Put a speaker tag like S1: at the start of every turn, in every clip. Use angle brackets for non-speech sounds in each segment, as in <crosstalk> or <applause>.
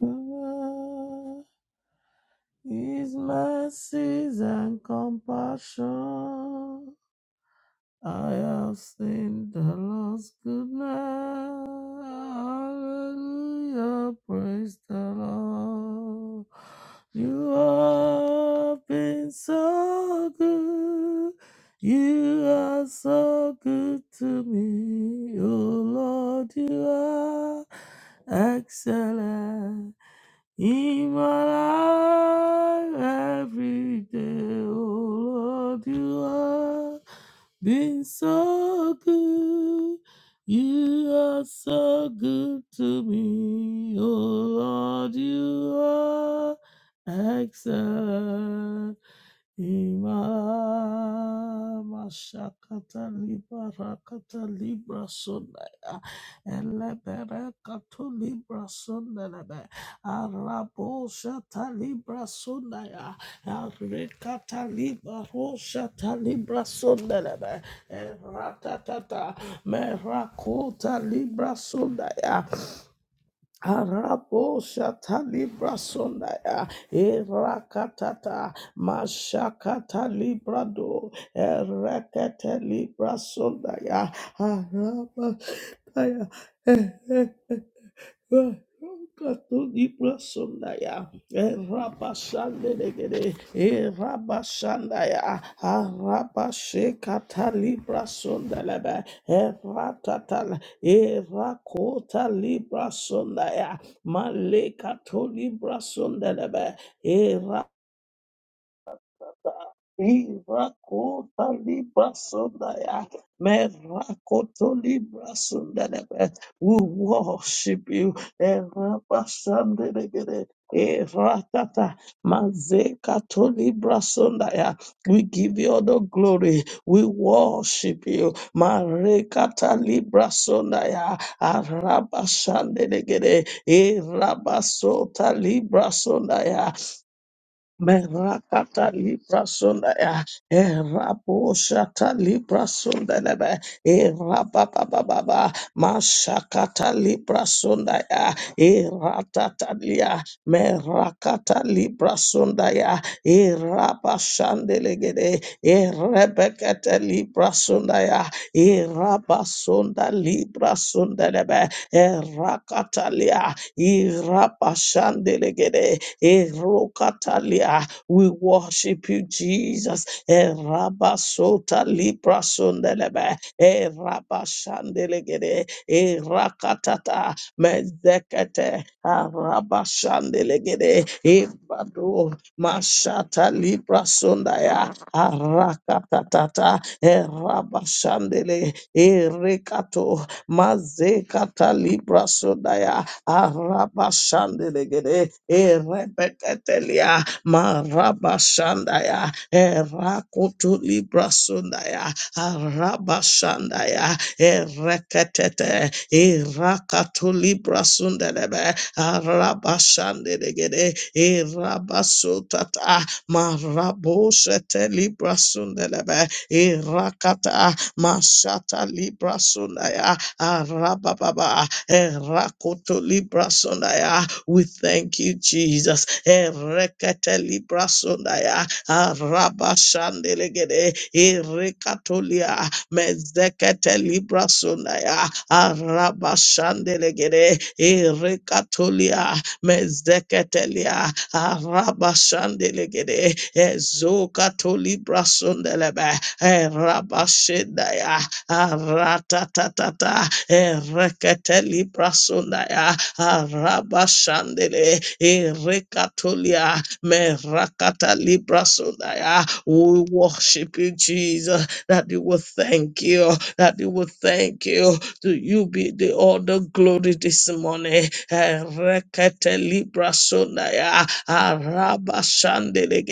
S1: God His mercies and compassion. I have seen the Lord's goodness. Hallelujah, praise the Lord. You have been so good. You are so good to me, oh Lord. You are excellent. In my life every day, oh Lord, you have been so good. You are so good to me, oh Lord, you are excellent. Imala mashakata libra rakata libra sonaya elebere kato libra Araboshata Libra Sundaya, Arikata Libra Roshata Libra Sundaya, Ratatata, Merakota Libra Sundaya, Araboshata Libra Sundaya, Irakatata, Mashakata Libra Do, Erekete Libra Sundaya, Arabataya. Katuniprasundaya, Rabashandegede, Rabashandaya, Rabashe Catalibra Sundalebe, Ratatal, Rakota Libra Sundaya, Maleka Tolibra Sundalebe, Irakota libra sundaya, merakota libra sundelebe. We worship you. Erabasandelegede, eratata, mazekato libra sundaya. We give you all the glory. We worship you. Marekata libra sundaya, arabasandelegede, erabasota libra sundaya. Merakata libra sonda ya erapo shata libra sonda lebe erapa ba ba ba ba mashakata libra sonda ya eratata lia merakata libra sonda ya erapa shandelegede erebekete libra sonda ya erapa sonda libra sonda lebe erakata lia irapa shandelegede Erokatalia. We worship you, Jesus. Erabasota libra sundelebe. Erabashandelegede. Erakatata mezekete. Arabashandelegede. Ebado mashata libra sundaya. Arakatata. Erabashandele. Erekato mazekata libra sundaya. Arabashandelegede, Erebeketelia, Marabashandaya, Erakutulibrasundaya, Arabashandaya, Ereketete, Irakatulibrasundelebe, Arabashandelegede, Irabasutata, Maraboshetelibrasundelebe, Irakata, Mashata Librasundaya, Arababa, Erakoto libra sondaya. We thank you, Jesus. Erekete libra sondaya. Araba shandelegede. Erekatolia. Mezekete libra sondaya. Araba shandelegede. Erekatolia. Mezeketelia. Araba shandelegede. Ezokatolibra sondelebe. Eraba shendaya aratatata ereketeli brasundaya arabashandele erekatolia merakatali brasundaya we worship you Jesus that you will thank you that you will thank you to you be the all the glory this morning ereketeli brasundaya arabashandele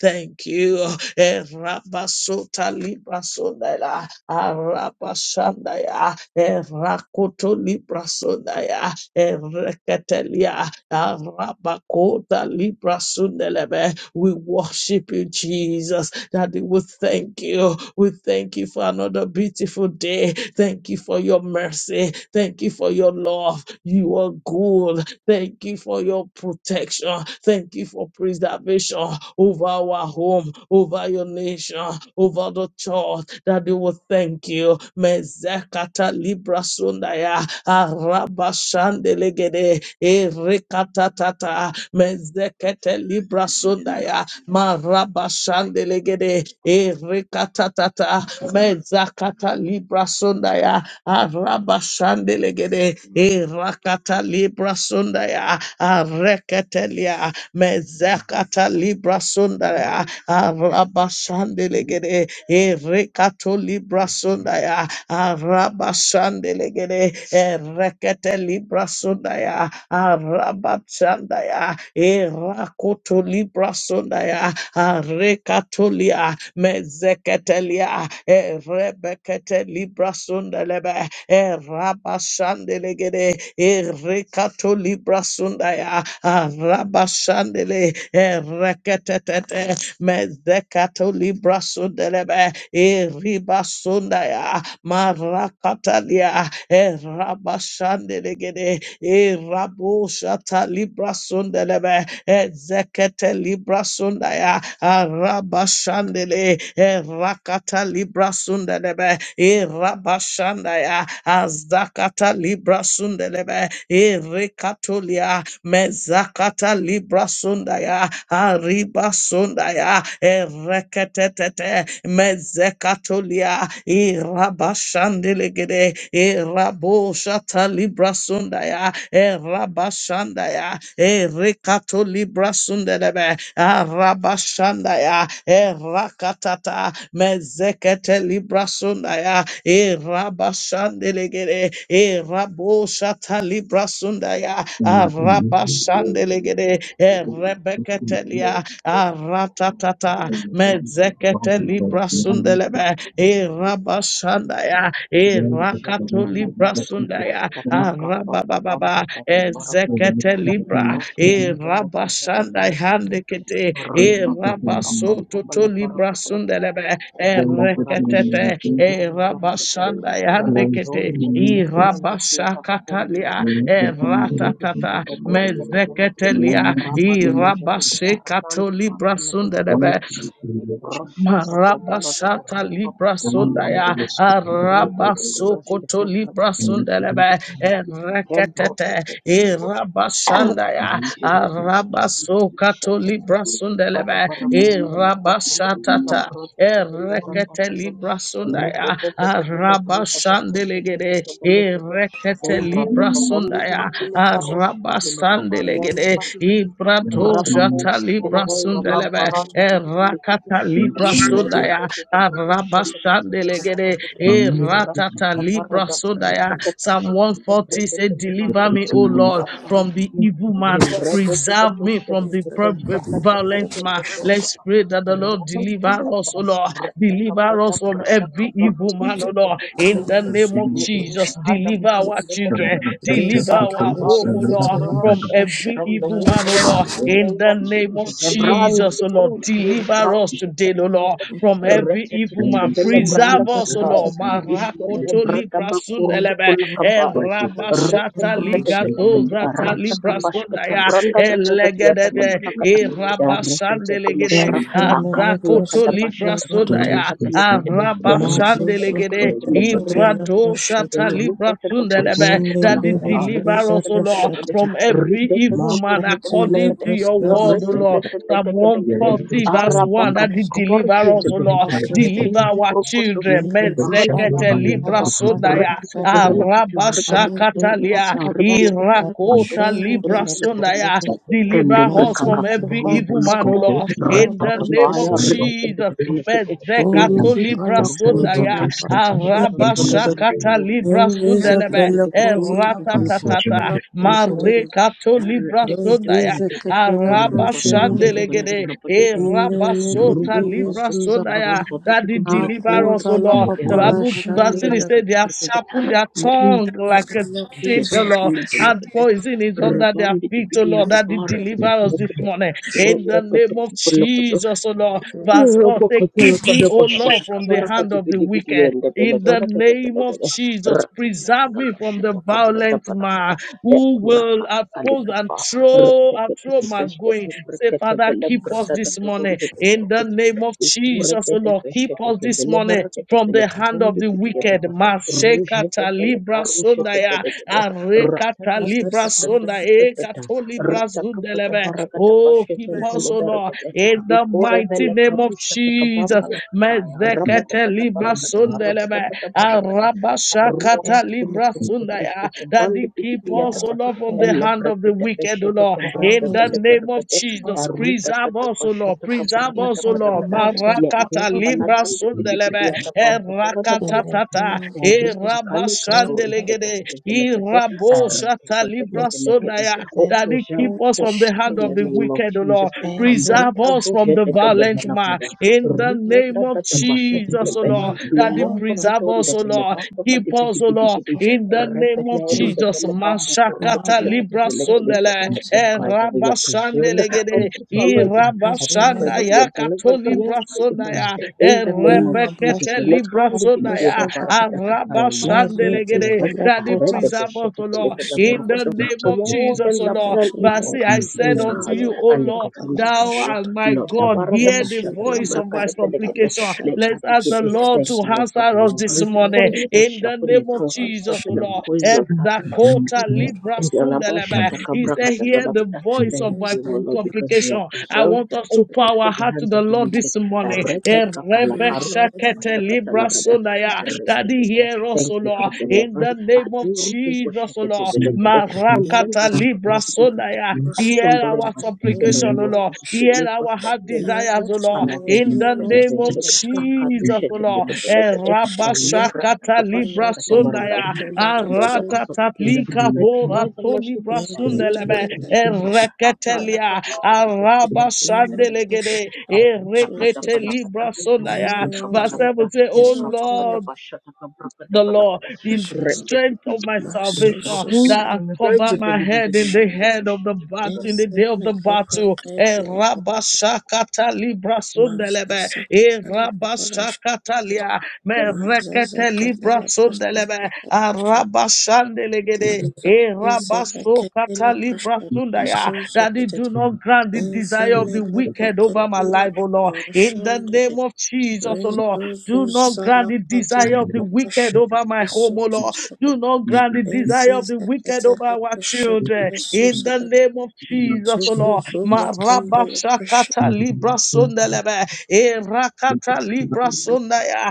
S1: thank you erabasota librasundaya Arabashandaya, Erakoto Librasundaya, Ereketelia, Arabakota Librasundelebe, we worship you, Jesus. Daddy, we thank you. We thank you for another beautiful day. Thank you for your mercy. Thank you for your love. You are good. Thank you for your protection. Thank you for preservation over our home, over your nation, over the church. Daddy, we thank you. Mezekata librasundaya arabashandelegede erekatatata mezekete librasundaya marabashandelegede erekatatata mezakata librasundaya arabashandelegede erakata librasundaya areketelia mezakata libra sundaya arabasandelegede e rekato libra sundaya arabasandelegede e rekete libra sundaya arabasandaya e rakoto libra sundaya arekatolia mezeketelia e rebekete libra sundalebe e rabashandelegede e rekato libra sundaya a rabashandele e reketetete mezekato libra sundelebe e riba sundaya marakatalia e rabashandelegede e rabosha talibra sundelebe Ezekete libra sundaya arabashandele erakata libra sundelebe irabashandaya azdakata libra sundelebe irikatulia mezakata libra sundaya ariba sundaya erekete mezekatulia irabashandele gede e rabo shata libra sundaya e rabashandaya e rekato libra sundelebe a rabashandaya e rakatata mezekete libra sundaya e rabashandelegere e rabo shata libra sundaya a
S2: and in this case,
S1: rabashandelegere e rebeketelia a ratatata mezekete
S2: rising for
S1: libra
S2: the island,
S1: sundelebe e rabashandaya e
S2: then
S3: Rapado,
S2: the living
S1: rakato
S2: in
S1: libra
S2: Christmas
S1: sundaya
S2: and
S1: a rabababa e
S2: the next
S1: zekete
S2: category,
S1: libra
S2: then
S1: e rabashandaya handekete
S2: the
S1: e
S2: family,
S1: rabasoto to libra sundelebe e
S2: then the family in the
S1: reketete
S2: table,
S1: e
S2: then the
S1: rabashandaya
S2: family
S1: handekete
S2: in
S1: e
S2: the
S1: rabashakatalia
S2: then the
S1: e
S2: family in the
S1: ratatata
S2: family,
S1: mezeketelia e rabashekato libra
S2: one of
S1: sundelebe
S2: the family
S3: Russia
S2: chiefs,
S3: tak kepala tak
S1: Marabasata
S3: ripa
S1: Libra
S3: papa
S2: the
S3: pampa
S1: Sundaya
S3: papa
S2: rest of the
S3: rete
S2: family,
S3: tete tosh
S1: Arabasokoto
S3: kita
S1: Libra
S3: berapa
S2: and
S3: tete
S2: the
S3: tete
S1: Sundelebe
S3: tebro
S1: Erekatete
S3: tete tete
S1: Irabashandaya
S3: Rapa
S1: Arabasokato Libra Sundelebe Irabashatata erekete libra
S2: family, and
S1: sundaya
S2: the
S1: araba sandelegede erekete libra
S2: family,
S1: sundaya araba sandelegede
S2: The
S1: ibrato
S2: most important
S1: shata libra
S4: Makuti
S1: sundelebe erakata
S2: thing is
S1: libra
S2: to be
S1: sundaya Arabashandelegede, eh, ratata libra sodaya. Psalm 140 said, Deliver me, O Lord, from the evil man.
S2: able
S3: Embrete que que
S1: Preserve me
S3: pushe
S1: from
S3: que
S1: the
S3: que se
S1: pro- eh,
S3: brata que
S1: violent
S3: pushe que
S1: man.
S3: que me
S1: Let's pray that the Lord
S3: rata ta
S1: deliver
S3: ta ta
S1: us, O
S3: ta
S1: Lord.
S3: rata
S1: Deliver us
S3: kabata
S1: from
S3: brata
S1: every
S3: kabalo
S1: evil man, O
S3: pushe que
S1: Lord.
S3: que me me
S1: In the
S3: me
S1: name of
S3: ni
S1: Jesus,
S3: kurada
S1: deliver our
S3: pakumbe le
S1: children.
S3: barade
S1: Deliver
S3: Abba
S1: our
S2: to
S1: home,
S3: Father
S1: O Lord,
S3: deliver
S1: from
S3: us
S1: every
S3: from the
S1: evil man,
S3: wicked
S1: O Lord.
S3: man in the
S1: In
S3: name
S1: the
S3: of
S1: name of
S3: Jesus Ebran
S1: Jesus, O Lord,
S3: segundo que se
S1: deliver deliver us
S3: parushe que
S1: today, O Lord, from
S3: que
S1: every
S3: rata ta ta
S1: evil man.
S3: que le
S2: see
S3: brata
S1: Preserve us, O
S3: kataya
S1: Lord.
S3: ishke te
S1: Marakoto
S3: brata
S1: libra
S3: bakurdu
S1: sundelebe,
S3: kulakabaya Rete
S1: erabashata
S3: kempede velekete
S1: ligazozata
S3: arata
S1: libra
S3: kampashkete
S1: sundaya,
S3: branda tatatia
S1: elegedede,
S3: tatapalakata ya rete tepele
S1: erabashandelegede,
S3: para
S2: the world.
S3: ya
S1: azakoto
S3: kada
S1: libra
S3: bashata
S2: who is
S1: sundaya,
S3: kabrakata
S2: the same
S3: pelekete
S2: with the
S3: ya
S2: name
S3: rete
S2: of
S1: arabashandelegede,
S3: tepele
S2: the
S3: pele
S2: liberty
S3: ya
S1: ibradoshata libra
S3: ruta
S2: and
S3: tata
S2: true
S3: bashata
S1: sundelebe,
S2: safety
S1: that it
S3: kapalakata
S2: and
S3: ya
S2: love
S3: rete
S1: deliver us, O
S3: tepele
S1: Lord,
S2: that
S3: pelekete
S1: from every
S3: rite
S1: evil
S2: each
S3: tetoto
S1: man according to your
S3: ya
S4: leprosy,
S1: word,
S2: is
S1: O
S3: rete
S2: in
S1: Lord. Psalm
S3: tepele
S2: the
S3: pelekete
S1: 140,
S2: others from
S1: verse
S3: araba
S2: the
S1: 1, that He
S3: kabakabari
S1: deliver
S3: kia
S1: us, O
S2: concerning
S1: Lord.
S2: by
S3: tepelekete
S2: our
S4: Master
S1: Deliver
S2: body
S3: indu
S1: our
S3: brokotosh
S1: children.
S3: kete
S4: Mele di
S2: that
S3: brahanti
S2: shall be
S4: bala
S3: piti
S1: Mezekete
S2: by
S3: piti ya
S2: her
S1: libra
S4: bala
S2: of the body
S3: rek
S1: sodaya.
S4: bala
S3: teke
S4: da da da.
S3: tebela
S2: that
S3: teke arre pelak
S4: Anzu
S3: teke pelak teke
S1: Arabashakatalia.
S4: bala
S3: arre
S4: bala
S2: sins
S3: pelak teke
S4: da
S3: arak
S4: da
S3: teke
S2: and
S3: kasih
S1: Irakota
S4: shen
S3: teke
S4: da
S1: libra
S2: it
S3: belak
S4: da
S3: teke
S4: da da da
S1: sodaya.
S2: comes
S4: da.
S2: up.
S3: kende
S1: Deliver us
S4: Mazu
S2: Satan
S1: from
S3: berkakakku
S4: zu
S1: every
S4: bala
S3: rum
S1: evil
S3: bulu
S4: da
S2: has
S1: man, O
S3: kutu
S2: compared
S1: Lord.
S4: da
S2: the
S4: so
S1: In
S3: rata
S1: the
S4: so
S2: public
S4: da
S1: name
S4: da
S1: of
S3: kabayar
S4: da.
S2: symbol
S3: teke
S1: Jesus.
S3: teke pelak teke
S2: and the
S3: ih
S4: Mele
S1: Mezekato
S4: di
S3: rusu
S1: libra
S4: bala
S3: teke
S2: time
S3: bulu
S4: kuta
S2: and
S4: la,
S1: sodaya.
S3: dobre
S4: pa
S3: teke
S2: construction
S3: bahasa don
S2: in
S4: da
S2: my
S3: dona
S4: da da.
S3: bulu teke
S2: spirit.
S1: Arabashakata
S3: pelak teke
S1: libra
S4: Mele di
S3: arre
S1: sundelebe.
S4: bala
S3: teke
S4: kuta
S3: petuluk
S4: la,
S3: teke
S4: pa
S3: bulu
S2: Thank
S4: sha
S3: koruk teke
S1: Eratatatata.
S4: la,
S3: susu teke
S4: so
S3: bulu
S4: so da
S3: koruk
S4: da da.
S1: Marekato
S3: arre
S1: libra
S3: teke
S4: Mele
S1: sodaya.
S3: tebela
S4: di
S3: teke
S4: kata la,
S3: aru pada bahasa pada
S1: Arabasandelegede,
S3: pera pada
S4: In
S3: belakat
S4: the middle
S3: aru
S1: Erabasota
S4: of
S3: bapak bapak
S4: Jesus,
S3: bapak
S4: Papa.
S1: librasodaya.
S3: bapak
S1: That
S3: jadi
S1: did
S3: dia
S1: deliver us,
S3: tebelakat
S1: O
S4: Akuza la
S1: Lord. The
S4: papa
S3: aru
S4: ra
S1: Bible
S4: shen
S1: verse
S3: kakaknya
S4: da
S1: it
S3: ada
S1: said they have
S4: la.
S1: sharpened their
S3: kata
S1: tongue
S4: Because
S1: like a seed, O Lord. And
S3: Shetandabalakada
S1: poison is under their
S3: Rabam Bidi
S1: feet, O
S3: Bidi
S1: Lord. That did
S3: Yatapar
S1: deliver us this
S3: Katabalakada
S1: morning. In
S3: Rota
S1: the
S3: kata
S1: name of
S3: balakada
S1: Jesus, O Lord. Verse 4 say, Keep
S3: Rabakatala
S1: me, O Lord,
S3: kadabashata
S1: from the
S3: kabaraka
S1: hand of the
S3: dibidibidi
S1: wicked.
S3: yende
S1: In the
S3: belegaragada
S1: name of
S3: belegada
S1: Jesus,
S3: ratatata
S1: preserve me from the
S3: kabashata kabrata
S1: violent
S3: balagada
S1: man who will
S3: ekuraka
S1: oppose and
S3: kalikapa
S1: throw and
S3: ratekete
S1: throw my
S3: kubeshkete
S1: going. Say,
S3: brekete
S1: Father,
S3: bele
S1: keep us
S3: bradada
S1: this morning.
S3: tukundu
S1: In the
S3: tukurukutu
S1: name of Jesus, oh
S3: ikurekete
S1: Lord, keep
S3: beshete
S1: us this
S3: kebele
S1: morning
S3: varakete
S1: from
S3: bele
S1: the hand of
S3: kavundu
S1: the
S3: bidiyada
S1: wicked.
S3: ba rujete
S1: Mashekata
S3: bele
S1: libra
S3: karushete
S1: sondaya,
S3: belegede
S1: arekata libra
S4: this morning
S1: sonda,
S3: ratatatatatatatatata
S1: ekato libra
S3: ratakapata
S1: zundelebe.
S3: varakata
S1: Oh,
S3: bashkete
S1: keep
S4: we
S3: ntele
S1: us, oh
S4: are
S1: Lord,
S3: barakete
S1: in the mighty
S3: Rikorebele
S1: name of
S3: karusha
S4: fruit
S1: Jesus.
S3: takabamba lakataya.
S4: of our
S1: Mezekete
S3: Rapadabada
S1: libra
S3: barakada.
S1: sundelebe.
S3: Rapadabada barakada.
S4: every
S1: Arabashakata libra sundaya.
S3: Rukutukurukurukutushkete.
S1: That they
S3: Brandi
S1: keep
S4: every
S1: us, O
S3: pitipiyatapa.
S1: Lord, from
S4: hospital
S1: the
S3: Ele
S4: now.
S1: hand of the
S3: brekete
S1: wicked, O
S3: peshete
S1: Lord.
S4: Lord,
S3: kebrande
S1: In
S4: let
S1: the
S3: bele
S4: it be
S1: name of
S3: berekete.
S4: destroyed
S1: Jesus,
S4: in
S3: Ruta
S1: preserve us, O
S4: the
S1: Lord.
S3: tatapashata
S1: Preserve
S4: name
S3: kabrakata
S1: us, O
S4: of the
S1: Lord.
S3: palakada.
S4: Lord preserve
S3: Leko
S1: Marakata
S4: us from
S1: libra
S3: baladandi
S1: sundelebe.
S3: pitipiyatapa.
S4: it.
S3: Parata
S4: in the
S3: palakata.
S1: Erakatata.
S4: name of Jesus.
S3: Ruka kali
S4: Lord,
S3: kaburushete
S1: Erabashandelegede.
S3: pitipilekete.
S1: Irabosha
S3: Rete
S4: may
S3: kebede
S1: talibra
S4: you
S3: velekete.
S1: sundaya
S3: Oh,
S4: let the
S1: that He keep
S3: preserve
S4: cold
S3: us,
S1: us
S3: oh
S1: from the
S3: God,
S1: hand
S4: ashamed
S3: in
S1: of
S4: of
S3: the
S1: the
S4: the
S3: name of
S1: wicked, O
S3: Jesus.
S1: Lord.
S4: angels
S1: Preserve
S4: of
S3: Ambreda
S1: us
S3: do
S1: from the
S3: jedeke de
S1: violent man
S4: the
S3: balakada.
S1: in the
S3: Ruta
S4: Lord.
S1: name
S3: tata
S1: of
S3: tabasha
S4: If
S1: Jesus, O
S3: tikebe.
S4: not
S1: Lord.
S4: the
S1: That He
S4: house of
S3: Menombolo
S1: preserve
S4: the
S3: don
S1: us,
S3: de
S1: O
S3: pele
S1: Lord.
S4: wicked,
S3: bamba
S1: Keep
S3: fadi pidi
S1: us, O
S3: pidi
S1: Lord,
S3: kidi.
S4: such
S1: in the
S4: as
S1: name of
S3: Rebele in
S4: those
S3: de
S4: that
S1: Jesus.
S3: pele bamba the
S1: Mashakata
S4: Malo
S3: kushekete
S1: Libra
S4: in
S3: pele
S4: the
S3: kede.
S1: Sondele,
S3: I
S4: leprosy
S3: declare that we are preserved
S1: Erabashandelegede,
S3: from the fallen.
S4: as
S3: I
S4: the
S3: declare
S1: Irabashanda
S3: that
S4: men
S3: we are
S1: Yakato
S3: delivered from
S1: Libra
S3: every evil.
S1: Sondaya,
S3: In the name of
S4: being a brush
S3: Jesus.
S1: Erebekete
S4: at
S1: libra
S3: Lekandi pidi
S4: the
S1: Shandaya,
S3: kede
S4: social that
S3: barakada.
S4: the
S3: I
S1: Araba
S3: am
S4: mad
S3: also
S4: way to
S1: Shandelegede,
S4: the
S3: delivered. I
S1: Daddy,
S3: read
S4: leprosy
S3: the
S4: of
S1: preserve us,
S3: beshete
S1: O
S3: pele
S1: Lord,
S4: the
S3: kede
S1: in the
S4: service
S3: borokoto.
S4: of
S1: name
S3: From
S1: of
S3: all
S1: Jesus,
S3: them
S1: O
S3: that
S4: people
S1: Lord.
S3: plan
S4: so
S1: But
S3: evil
S1: see,
S4: Lord,
S1: I
S3: in
S4: people
S1: said
S3: their
S4: so
S1: unto
S3: hearts.
S1: you,
S4: Lord,
S1: O
S4: but
S1: Lord,
S4: the
S3: Alekotiri
S4: lapa
S1: thou
S3: Sikarawo,
S1: art
S4: shut
S1: my
S4: at the
S3: Lorda
S1: God,
S3: Barada
S1: hear
S4: is
S1: the
S4: with
S3: Bashata
S4: the
S1: voice of
S3: Kabraka
S4: lapa
S1: my
S3: de
S4: at the
S3: Belekete,
S1: supplication.
S4: shut up.
S1: Let's ask the
S3: Lekatikide.
S1: Lord
S3: Thank
S1: to
S4: Swiftest
S3: you, Lord, for
S1: answer us this
S3: deliverance
S4: men of
S3: from
S1: morning,
S4: the
S3: they that
S1: in the
S3: sharpen their
S1: name
S4: people,
S1: of
S3: tongues like
S4: the
S1: Jesus,
S4: shut
S1: O
S3: serpent and
S1: Lord.
S3: poison of us.
S1: Ezakota
S4: up.
S1: Libra
S3: And the Alaba
S1: Sundelebe,
S4: Lord,
S3: Shata
S1: he said,
S3: Kabraka de
S1: hear the
S3: Belekete.
S1: voice
S3: Thank
S1: of
S4: Is
S1: my
S3: you, O
S4: that
S3: Lord,
S4: I
S1: supplication
S3: because we are
S4: worship
S1: supplication.
S4: the
S1: I
S4: Lord
S3: preserved
S1: want us to
S3: and
S4: with
S1: pour
S4: the
S3: kept
S1: our
S3: from the
S1: heart to
S3: hands
S1: the
S3: of the
S1: Lord
S3: wicked.
S1: this morning.
S3: Arete
S4: deed.
S3: kakala
S4: Pray,
S3: karutu
S4: Lord,
S1: Erebeshakete
S4: and
S3: kubashakata
S1: libra
S3: lakada.
S1: sonaya.
S3: Arete
S1: Daddy,
S3: kete.
S1: hear us,
S3: Thank
S1: O
S3: you
S1: Lord,
S3: for
S1: in
S3: deliverance.
S1: the name of
S3: Aduru
S1: Jesus, O
S3: kushakete
S1: Lord.
S4: heavens.
S3: belekete. From
S4: Hear
S3: them
S1: Marakata
S3: that are
S1: libra
S3: proposed
S4: also the
S1: sonaya.
S3: I
S4: voice
S1: Hear
S4: of
S3: stumble
S4: the
S3: in
S1: our
S3: our
S4: dead,
S3: steps
S4: O
S3: in the
S1: supplication,
S2: you.
S4: my
S3: name
S1: O
S3: of
S4: love.
S1: Lord.
S3: Jesus to
S1: Hear
S3: make us
S1: our heart
S3: stumble in our
S4: Hear
S3: steps.
S1: desires, O
S4: also,
S1: Lord,
S3: Father,
S4: Lord,
S3: thank you
S1: in
S4: hear
S3: for
S1: the
S4: also,
S2: It's
S1: name of
S3: preservation.
S2: just
S4: Lord, and
S3: Akatu
S1: Jesus,
S4: forgive
S1: O
S2: a
S1: Lord.
S4: passion.
S3: sheteketepelegede,
S4: Hear
S1: Erabashakata
S4: also,
S1: libra
S4: Lord, hear
S3: emebrandakabashakatabarakara.
S1: sonaya.
S4: also,
S3: I
S4: Lord, and
S3: declare
S4: so
S3: that our
S1: Arata
S4: my prayer.
S3: supplications are
S1: taplika
S3: heard
S1: bora
S3: by the
S1: toni
S3: mercies of
S4: May
S3: God
S4: they
S3: in
S4: take
S3: the
S1: brasundelebe.
S4: it
S3: name of
S4: and
S3: Jesus.
S4: passion to last.
S1: Ereketelia, Araba
S4: Ima
S3: Abradakabarakoteboshketempeketepelegede,
S4: passion,
S1: Sandelegede,
S4: so so
S1: Erekete
S4: that
S3: abratakadapalakada,
S1: Libra
S4: hear
S1: Sonaya. Verse
S4: also,
S3: erundakabalakada,
S1: 7 say, Oh
S4: hear also, Lord,
S1: Lord the Lord,
S3: eprapapadabashatakabrakadabalakada.
S1: the
S4: passion.
S1: strength of
S3: Retetepe-
S1: my salvation
S3: Ahu,
S4: Masusus
S1: that has
S3: pelebende,
S1: covered my
S3: pelebende,
S1: head in
S3: pelebende,
S1: the head of the
S3: pelebende,
S1: battle,
S3: pelebende.
S1: in the day of the
S4: ezimele
S1: battle. Eh,
S4: prakebila
S1: Rabashakata Libra Sundelebe, Eh,
S4: mazazakatela
S1: Rabashakata
S4: paparashtet
S1: Lia, Me Rekete Libra
S4: mazazakatela
S1: Sundelebe, Ah,
S4: pastasatashtet
S1: Rabashandelegede, Eh,
S4: mazazelekatela
S1: Rabasokata Libra
S4: pashtet
S1: Sundaya, that He
S4: lasuzotetet
S1: do not grant the desire of the
S4: the
S1: wicked over my
S4: prakebila
S1: life, O Lord. In the
S4: paparashtet
S1: name of Jesus, O Lord, do not grant the desire
S4: rezuzuzalakatela
S1: of the wicked
S4: papashtet
S1: over my home, O Lord. Do
S4: lasuzotetet
S1: not grant the desire of the wicked over
S4: ezizakatela
S1: our children. In
S4: pashtet
S1: the name of Jesus,
S4: So
S1: O
S4: so
S1: Lord.
S4: so the
S1: Maraba
S4: candle precious
S1: shakata libra sondelebe. Erakata libra sondaya.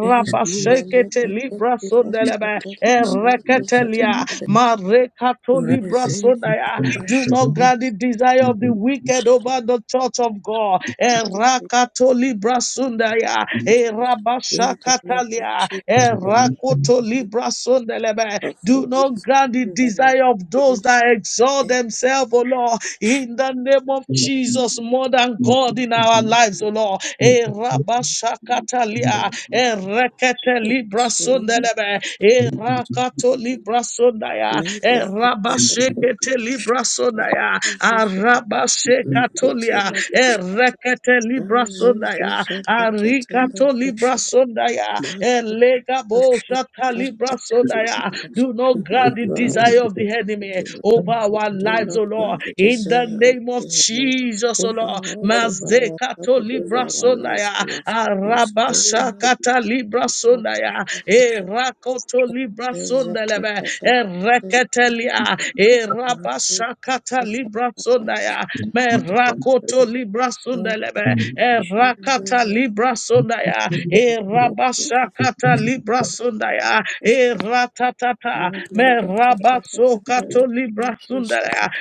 S4: is no more
S1: shekete
S4: the
S1: libra sondelebe.
S4: shadow so so so the
S1: Ereketelia.
S4: the-
S1: Marekato
S4: the
S1: libra
S4: rising
S1: sondaya. Do
S4: precious
S1: not grant the desire of the wicked over the church of God. Erakatoli brasundaya,
S4: in the name of
S1: erabashakatalia,
S4: Jesus
S2: matter
S4: so the
S2: of
S4: light
S2: time.
S1: erakotoli brasundelebe.
S4: of
S1: Do
S4: the week
S1: not grant the
S4: in the name of
S1: desire of those
S4: Jesus
S1: that exalt
S4: and
S1: themselves, O Lord, in the name of
S2: Thank
S1: Jesus, more than God in our lives, O Lord. Eh, Rabashakatalia, Erekete
S4: it's
S1: Libra
S4: so many of
S1: Sundelebe,
S4: us
S1: Erakato
S4: so that
S1: Libra Sundaya,
S4: may let it be the good
S1: Erabashekete
S4: precious
S1: Libra Sundaya,
S4: so so so the may good
S1: Arabashekatolia,
S4: till precious
S1: Erekete Libra
S4: so so
S1: Sundaya,
S4: so the kettle
S1: Arikato Libra
S4: precious
S1: Sundaya, Elegabo
S4: worship
S1: Shata
S4: us
S1: Libra Sundaya,
S4: and
S1: do not
S4: you
S1: grant the
S4: grant
S1: desire of the enemy
S4: to
S1: over our
S4: do
S1: lives,
S4: not
S1: O Lord.
S4: grant the
S1: In the
S4: desire of
S1: name of
S4: the heaven
S1: Jesus, O Lord.
S4: over us, over our
S1: Mazekato
S4: family, over
S1: libra
S4: our life, O
S1: sonaya.
S4: Lord. And so
S1: Arabashakata libra
S4: not to
S1: sonaya.
S4: suffer
S1: Erakoto libra
S4: is a trick
S1: sondelebe.
S4: that the sisters
S1: Ereketelia.
S4: of my work
S1: Erabashakata
S4: as a
S1: libra
S4: professional
S1: sondaya. Merakoto
S4: that
S1: libra
S4: all the
S1: sundelebe.
S4: worship
S1: Erakata
S4: visit
S1: libra
S4: with
S1: sundaya.
S4: my hoping of
S1: Erabashakata
S4: fresh
S1: libra sundaya.
S4: perspective. My
S1: Eratatata.
S4: Lord, that the
S1: Merabasokato libra sundaya.
S4: preparation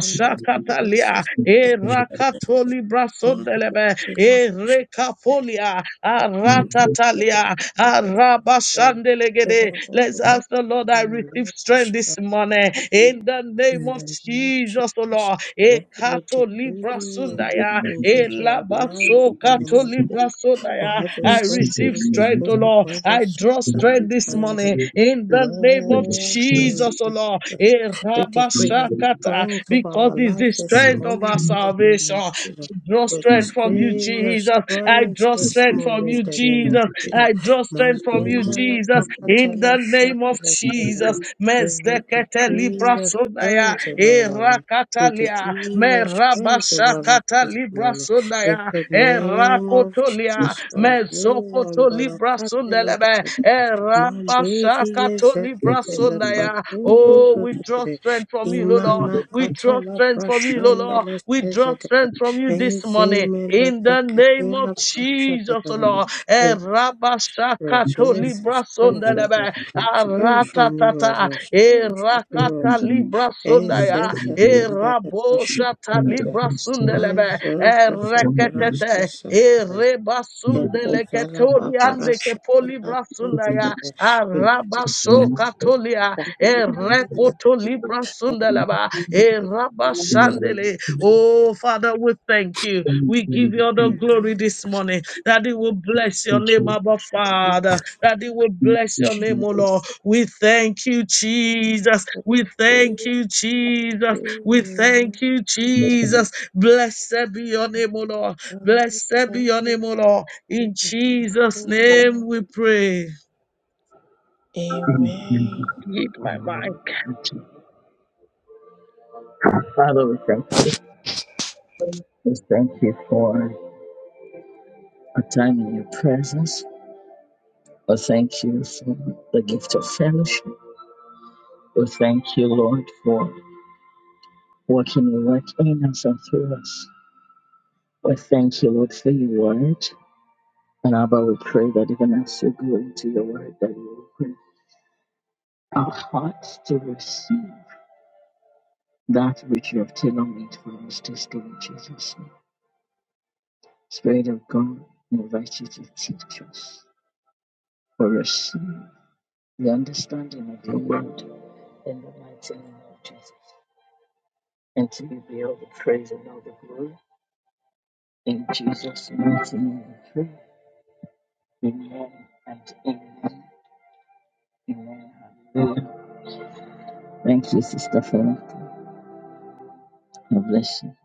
S4: and that is
S1: lia.
S4: just the respected
S1: Erakato libra
S4: the
S1: sundelebe.
S4: enough
S1: Erekapolia. Aratatalia. Arabashande Mandelegede.
S4: overall
S1: Let's
S4: overall
S1: ask the Lord that I receive strength this morning in the name
S4: In
S1: of
S4: the name of
S1: Jesus, O
S4: Jesus,
S1: Lord.
S4: Lord, we
S1: Ekato
S4: decree
S1: libra
S4: and
S1: sundaya,
S4: strength into our lives
S1: elabaso
S4: in the name
S1: kato
S4: of Jesus.
S1: libra sundaya.
S4: For every
S1: I
S4: soul
S1: receive
S4: that is
S1: strength, O
S4: broken,
S1: Lord.
S4: for every
S1: I
S4: soul
S1: draw
S4: that is
S1: strength this
S4: tired of
S1: morning in the name of
S4: Lord, we
S1: Jesus, O
S4: receive
S1: Lord.
S4: strength. We decree your
S2: you.
S1: Erabashakata,
S4: strength over
S1: Because
S4: our
S1: it's the
S4: life this
S1: strength
S2: Thank
S1: of
S4: morning
S1: our
S4: in the
S1: salvation.
S4: name
S1: I
S4: of Jesus.
S1: draw
S4: We
S1: strength from you,
S4: decree your
S1: Jesus. I
S4: strength
S1: draw
S4: this
S1: strength
S4: morning
S1: from
S4: in
S1: you,
S4: the name of
S1: Jesus.
S4: Jesus.
S1: I draw strength from you,
S4: Mazuma la
S1: Jesus,
S4: pakata
S1: in
S4: la
S1: the
S4: shata
S1: name of
S4: la sedere.
S1: Jesus.
S4: We will
S1: Mezekete
S4: decree
S1: libra
S4: your
S1: sonaya,
S4: strength over our life. We
S1: erakatalia,
S4: decree your strength over us
S1: merabashakata
S4: this
S1: libra
S4: morning. In
S1: sonaya,
S4: the name of
S1: erakotolia,
S4: Jesus Christ, no one
S1: mezokoto libra
S4: barakatela da
S1: sundelebe,
S4: da da. Mandedi yezeketele
S1: Erabashakatolibrasondaya.
S4: pasuzu
S1: Oh, we draw
S4: zutikire.
S1: strength from you, Lord. Lord.
S4: Imana
S1: We draw
S4: katala
S1: strength from you, Lord.
S4: prashanda
S1: Lord. We draw
S4: lesezedeke.
S1: strength from you this morning.
S4: Ezemele
S1: In the name of
S4: peketela prashada
S1: Jesus,
S4: da
S1: oh
S4: da da.
S1: Lord.
S4: We pray to receive strength, O
S1: Erabashakatolibrasondelebe.
S4: God. Strength from you, O
S1: Aratata.
S4: Lord. Strength from you, O
S1: Erakata libra sundaya. Erabosata libra sundelebe. Ereketete. Erebasundeleketoliande kepolibra sundaya. Arabaso katolia. Erekoto libra sundeleba.
S2: you. Father, we
S1: Erabashandele. Oh, Father, we thank you. We give you all the glory this morning. That He will bless your name, Abba Father. That He will bless your name, O Lord. We thank you, Jesus. We thank you, Jesus. We thank you, Jesus. Blessed be your name, O Lord. Blessed be your name, O Lord. In Jesus' name we pray.
S4: Amen.
S1: Yield my mind.
S2: thank you. We thank you for a time in your presence. We thank you for the gift of fellowship. We thank you, Lord, for working your work in us and through us. We thank you, Lord, for your word. And Abba, we pray that even as we go into your word, that you open. our hearts to receive that which you have tailor-made for us this day in Jesus' name. Spirit of God, we invite you to teach us or receive the understanding of your word in the mighty name of Jesus. And to you be all the praise and all the glory. In Jesus' mighty name we pray. Amen and amen. Amen. Hallelujah. Thank you, Sister Falaka. God bless you.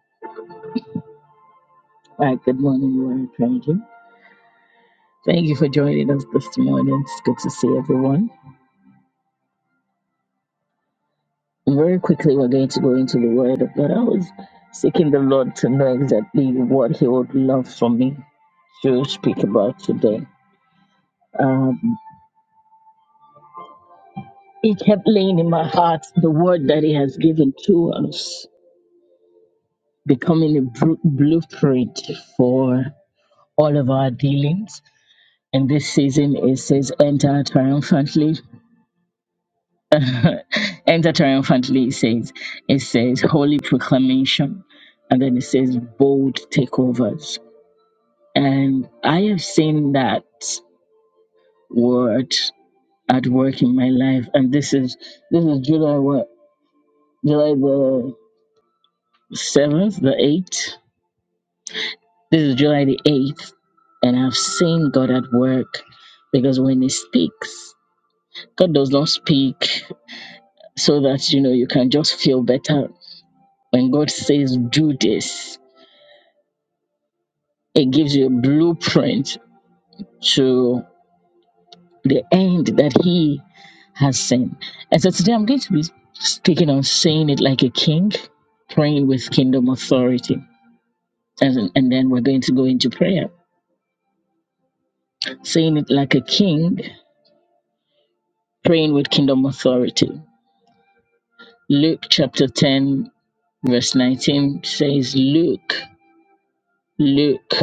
S2: All right, good morning, you are praying Thank you for joining us this morning. It's good to see everyone. Very quickly, we're going to go into the Word of God. I was seeking the Lord to know exactly what He would love for me to speak about today. Um, he kept laying in my heart the Word that He has given to us, becoming a bru- blueprint for all of our dealings. And this season, it says, "Enter triumphantly <laughs> Enter triumphantly, it says. It says holy proclamation, and then it says bold takeovers. And I have seen that word at work in my life, and this is this is July what July the seventh, the eighth. This is July the eighth, and I've seen God at work because when He speaks, God does not speak so that you know you can just feel better. When God says, "Do this," It gives you a blueprint to the end that He has seen. And so today I'm going to be speaking on saying it like a king, praying with kingdom authority. And, and then we're going to go into prayer. Saying it like a king, praying with kingdom authority. Luke chapter 10, verse 19 says, Luke, Luke,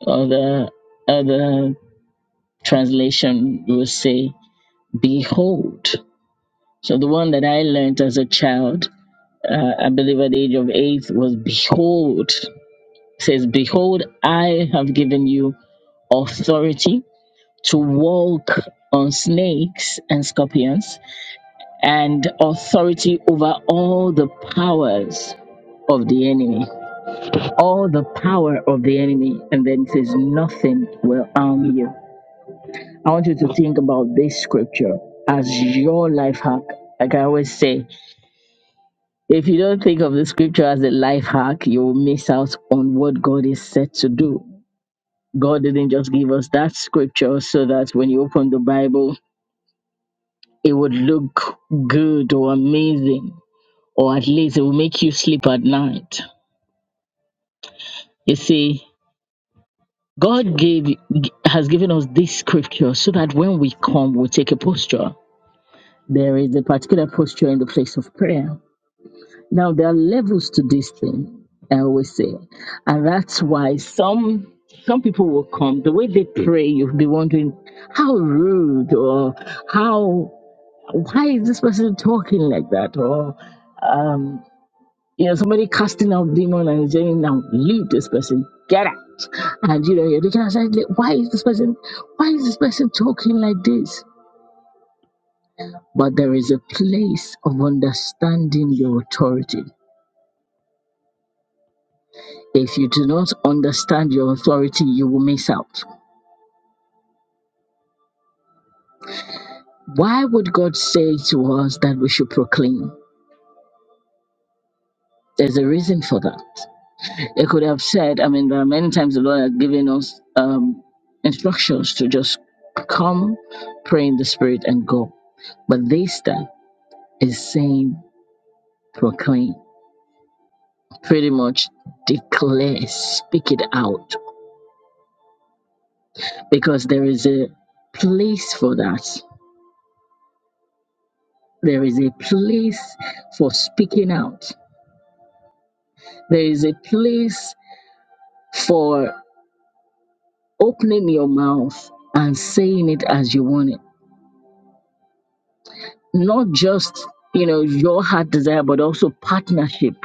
S2: or the other translation will say, Behold. So the one that I learned as a child, uh, I believe at the age of eight, was behold. It says, behold, I have given you authority to walk on snakes and scorpions and authority over all the powers of the enemy. All the power of the enemy. And then it says, nothing will harm you. I want you to think about this scripture as your life hack. Like I always say, If you don't think of the scripture as a life hack, you'll miss out on what God is set to do. God didn't just give us that scripture so that when you open the Bible, it would look good or amazing, or at least it will make you sleep at night. You see, God gave has given us this scripture so that when we come, we take a posture. There is a particular posture in the place of prayer Now, there are levels to this thing, I always say. And that's why some some people will come. The way they pray, you'll be wondering how rude or how why is this person talking like that? Or um, you know, somebody casting out demon and saying, Now leave this person, get out. And you know, you're looking outside, like, why is this person why is this person talking like this? But there is a place of understanding your authority If you do not understand your authority, you will miss out. Why would God say to us that we should proclaim? There's a reason for that. It could have said, I mean, there are many times the Lord has given us um, instructions to just come, pray in the Spirit, and go. But this time is saying proclaim, pretty much declare, speak it out, because there is a place for that. There is a place for speaking out There is a place for opening your mouth and saying it as you want it. Not just, you know, your heart desire, but also partnership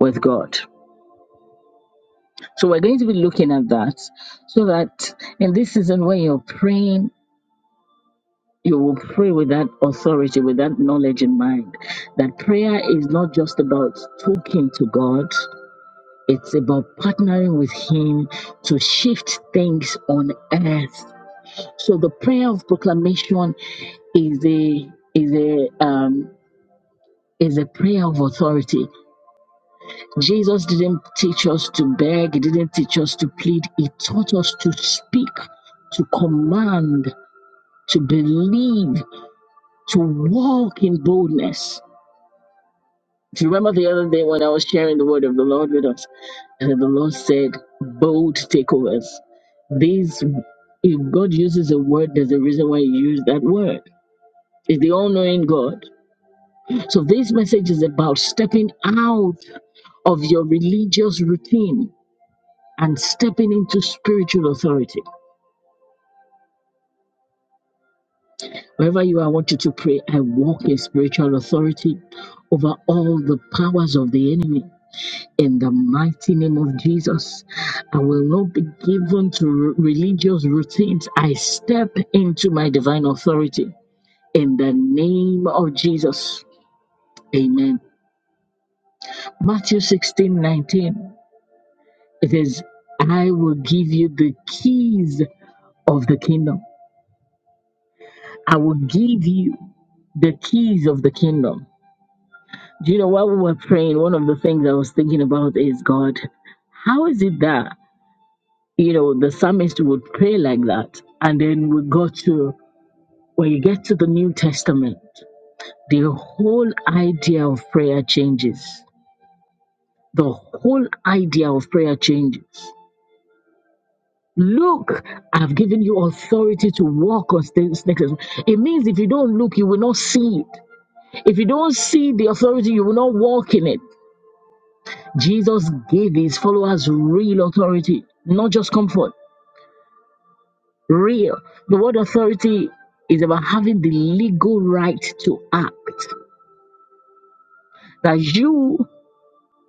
S2: with God. So we're going to be looking at that so that in this season when you're praying, you will pray with that authority, with that knowledge in mind. That prayer is not just about talking to God, it's about partnering with Him to shift things on earth So the prayer of proclamation is a is a um, is a prayer of authority. Jesus didn't teach us to beg. He didn't teach us to plead. He taught us to speak, to command, to believe, to walk in boldness. If you remember the other day when I was sharing the word of the Lord with us, and the Lord said, bold takeovers. These, if God uses a word, there's a reason why He used that word. It's the all knowing God. So, this message is about stepping out of your religious routine and stepping into spiritual authority. Wherever you are, I want you to pray, I walk in spiritual authority over all the powers of the enemy. In the mighty name of Jesus, I will not be given to r- religious routines. I step into my divine authority. In the name of Jesus. Amen. Matthew 16 19. It says, I will give you the keys of the kingdom. I will give you the keys of the kingdom. Do you know while we were praying, one of the things I was thinking about is God, how is it that, you know, the psalmist would pray like that? And then we go to, when you get to the New Testament, the whole idea of prayer changes. The whole idea of prayer changes. Look, I've given you authority to walk on sta- snakes. It means if you don't look, you will not see it. If you don't see the authority, you will not walk in it. Jesus gave his followers real authority, not just comfort. Real. The word authority is about having the legal right to act. That you,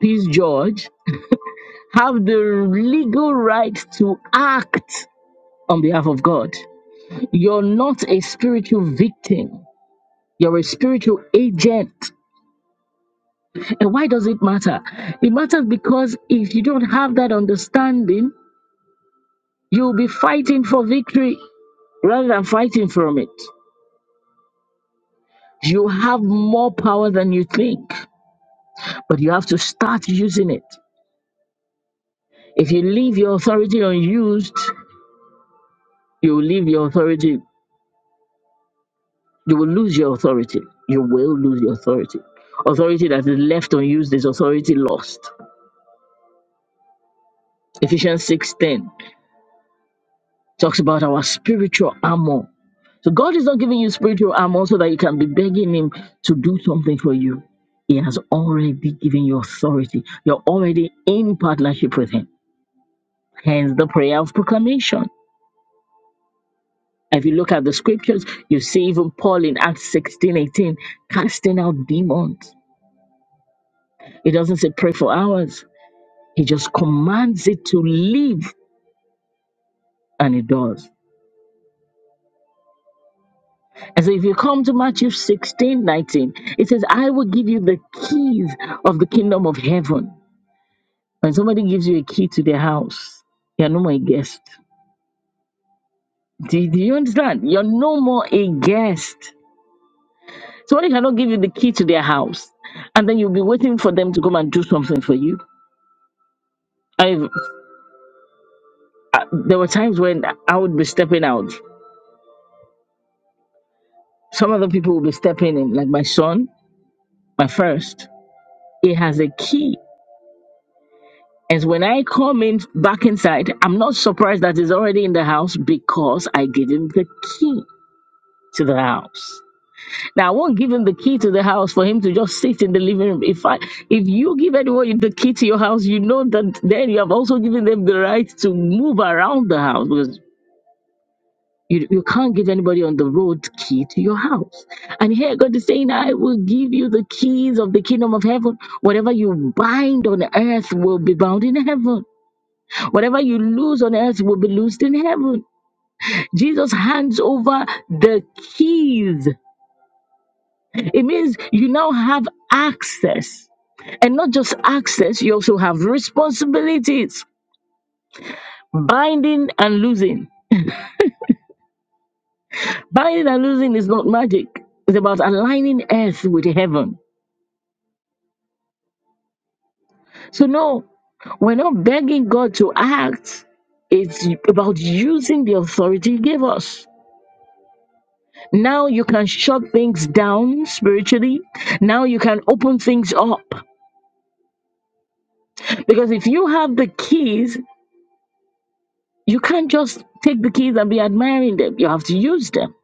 S2: peace George, have the legal right to act on behalf of God. You're not a spiritual victim. You're a spiritual agent. And why does it matter? It matters because if you don't have that understanding, you'll be fighting for victory rather than fighting from it. You have more power than you think, but you have to start using it. If you leave your authority unused, you will leave your authority, you will lose your authority. You will lose your authority. Authority that is left unused is authority lost. Ephesians 6:10. Talks about our spiritual armor. So God is not giving you spiritual armor so that you can be begging Him to do something for you. He has already given you authority. You're already in partnership with Him. Hence the prayer of proclamation. If you look at the scriptures, you see even Paul in Acts 16:18 casting out demons. He doesn't say pray for hours, he just commands it to leave, and it does. And so if you come to Matthew 16 19, it says, I will give you the keys of the kingdom of heaven. When somebody gives you a key to their house, you're no more a guest. Do, do you understand? You're no more a guest. Somebody cannot give you the key to their house, and then you'll be waiting for them to come and do something for you. I've, uh, there were times when I would be stepping out. Some other people would be stepping in, like my son, my first. He has a key And when I come in back inside, I'm not surprised that it's already in the house because I gave him the key to the house. Now I won't give him the key to the house for him to just sit in the living room. If I if you give anyone the key to your house, you know that then you have also given them the right to move around the house because you, you can't give anybody on the road key to your house. And here God is saying, I will give you the keys of the kingdom of heaven. Whatever you bind on earth will be bound in heaven Whatever you lose on earth will be loosed in heaven. Jesus hands over the keys. It means you now have access. And not just access, you also have responsibilities. Binding and losing. Binding and losing is not magic, it's about aligning earth with heaven. So, no, we're not begging God to act, it's about using the authority He gave us. Now you can shut things down spiritually. Now you can open things up. Because if you have the keys, you can't just take the keys and be admiring them. You have to use them.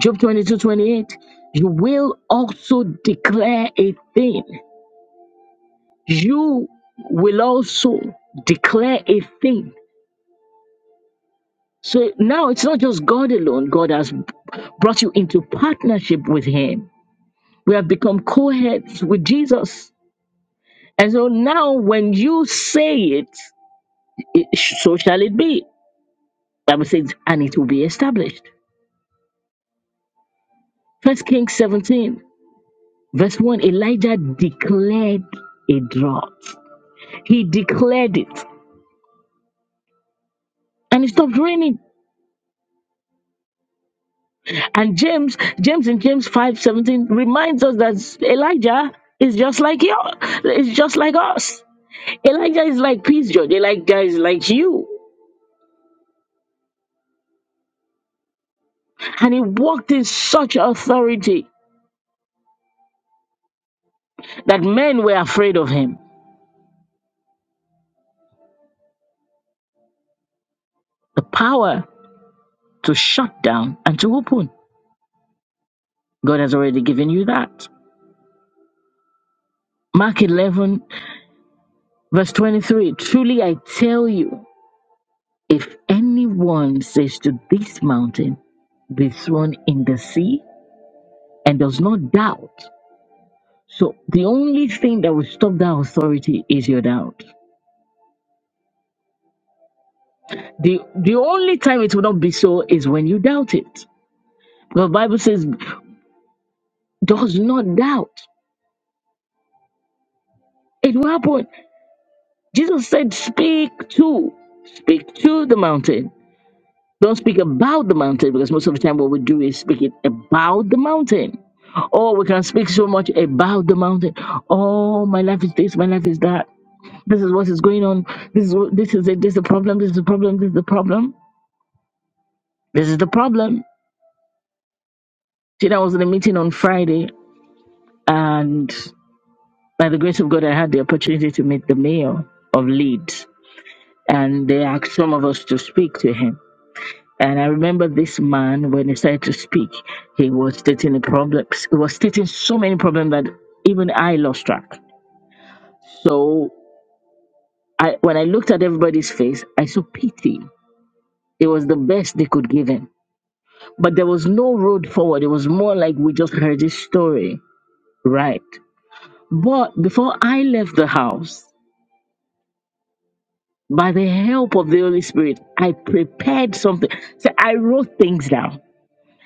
S2: Job 22 28. You will also declare a thing. You will also declare a thing. So now it's not just God alone. God has brought you into partnership with Him. We have become co heads with Jesus. And so now when you say it, it so shall it be. Bible says, and it will be established. First Kings 17, verse 1, Elijah declared a drought. He declared it. And it stopped raining. And James, James in James 5 17 reminds us that Elijah is just like you, It's just like us. Elijah is like Peace George. Elijah is like you. And he walked in such authority that men were afraid of him. The power to shut down and to open. God has already given you that. Mark 11, verse 23 Truly I tell you, if anyone says to this mountain, be thrown in the sea, and does not doubt, so the only thing that will stop that authority is your doubt. The, the only time it will not be so is when you doubt it. The Bible says, does not doubt. It will happen. Jesus said, speak to, speak to the mountain Don't speak about the mountain because most of the time what we do is speak it about the mountain. Oh, we can speak so much about the mountain. Oh, my life is this, my life is that. This is what is going on. This is what- this is it. This is the problem. This is the problem. This is the problem. This is the problem. See, I was in a meeting on Friday, and by the grace of God, I had the opportunity to meet the mayor of Leeds, and they asked some of us to speak to him. And I remember this man, when he started to speak, he was stating the problems. He was stating so many problems that even I lost track. So I, when I looked at everybody's face, I saw pity. It was the best they could give him. But there was no road forward. It was more like we just heard this story, right? But before I left the house, by the help of the Holy Spirit, I prepared something. So I wrote things down.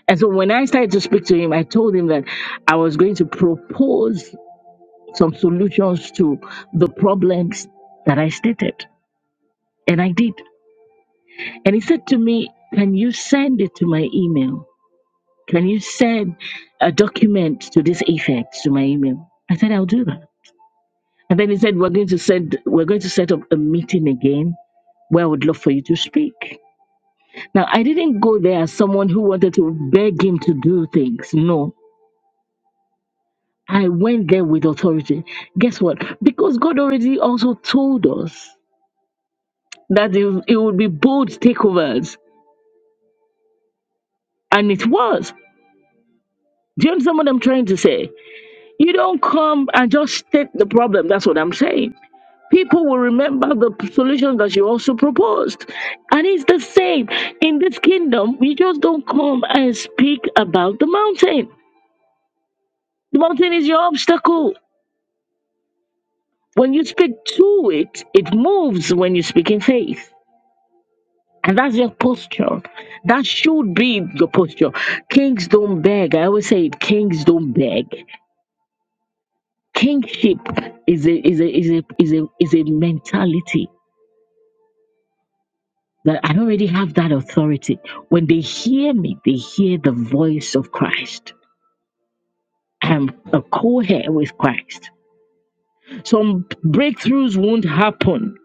S2: And so when I started to speak to him, I told him that I was going to propose some solutions to the problems that I stated. And I did. And he said to me, Can you send it to my email? Can you send a document to this effect to my email? I said, I'll do that. And then he said, We're going to send we're going to set up a meeting again where I would love for you to speak. Now I didn't go there as someone who wanted to beg him to do things. No. I went there with authority. Guess what? Because God already also told us that it, it would be bold takeovers, and it was. Do you understand what I'm trying to say? You don't come and just state the problem. That's what I'm saying. People will remember the p- solution that you also proposed. And it's the same. In this kingdom, we just don't come and speak about the mountain. The mountain is your obstacle. When you speak to it, it moves when you speak in faith. And that's your posture. That should be your posture. Kings don't beg. I always say it. Kings don't beg. Kingship is a is a is a is a is a mentality that I already have that authority. When they hear me, they hear the voice of Christ. I'm a co-heir with Christ. Some breakthroughs won't happen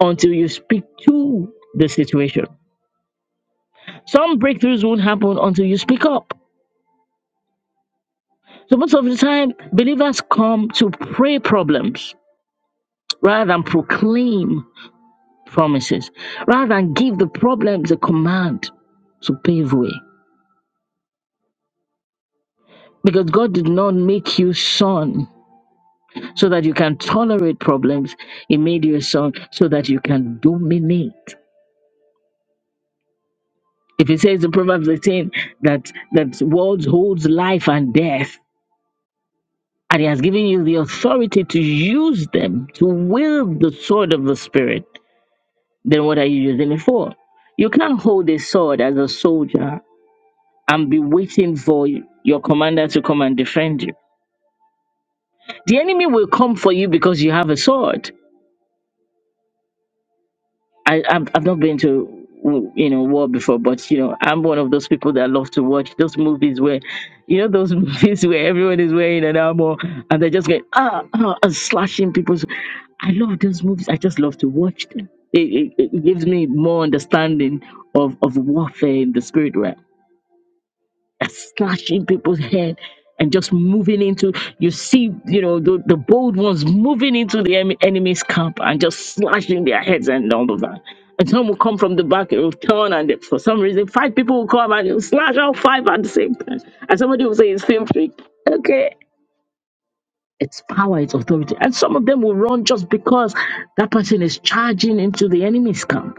S2: until you speak to the situation. Some breakthroughs won't happen until you speak up. So most of the time, believers come to pray problems rather than proclaim promises, rather than give the problems a command to pave way. Because God did not make you son so that you can tolerate problems. He made you a son so that you can dominate. If it says in Proverbs 18 that that words holds life and death, and he has given you the authority to use them, to wield the sword of the spirit. then what are you using it for? You can't hold a sword as a soldier and be waiting for your commander to come and defend you. The enemy will come for you because you have a sword. I, I've, I've not been to you know war before, but you know I'm one of those people that love to watch those movies where, you know, those <laughs> movies where everyone is wearing an armor and they're just going ah, ah and slashing people's. I love those movies. I just love to watch them. It, it, it gives me more understanding of, of warfare in the spirit realm. And slashing people's head and just moving into you see you know the, the bold ones moving into the em- enemy's camp and just slashing their heads and all of that and some will come from the back it will turn and they- for some reason five people will come and it'll slash all five at the same time and somebody will say it's film trick okay it's power it's authority and some of them will run just because that person is charging into the enemy's camp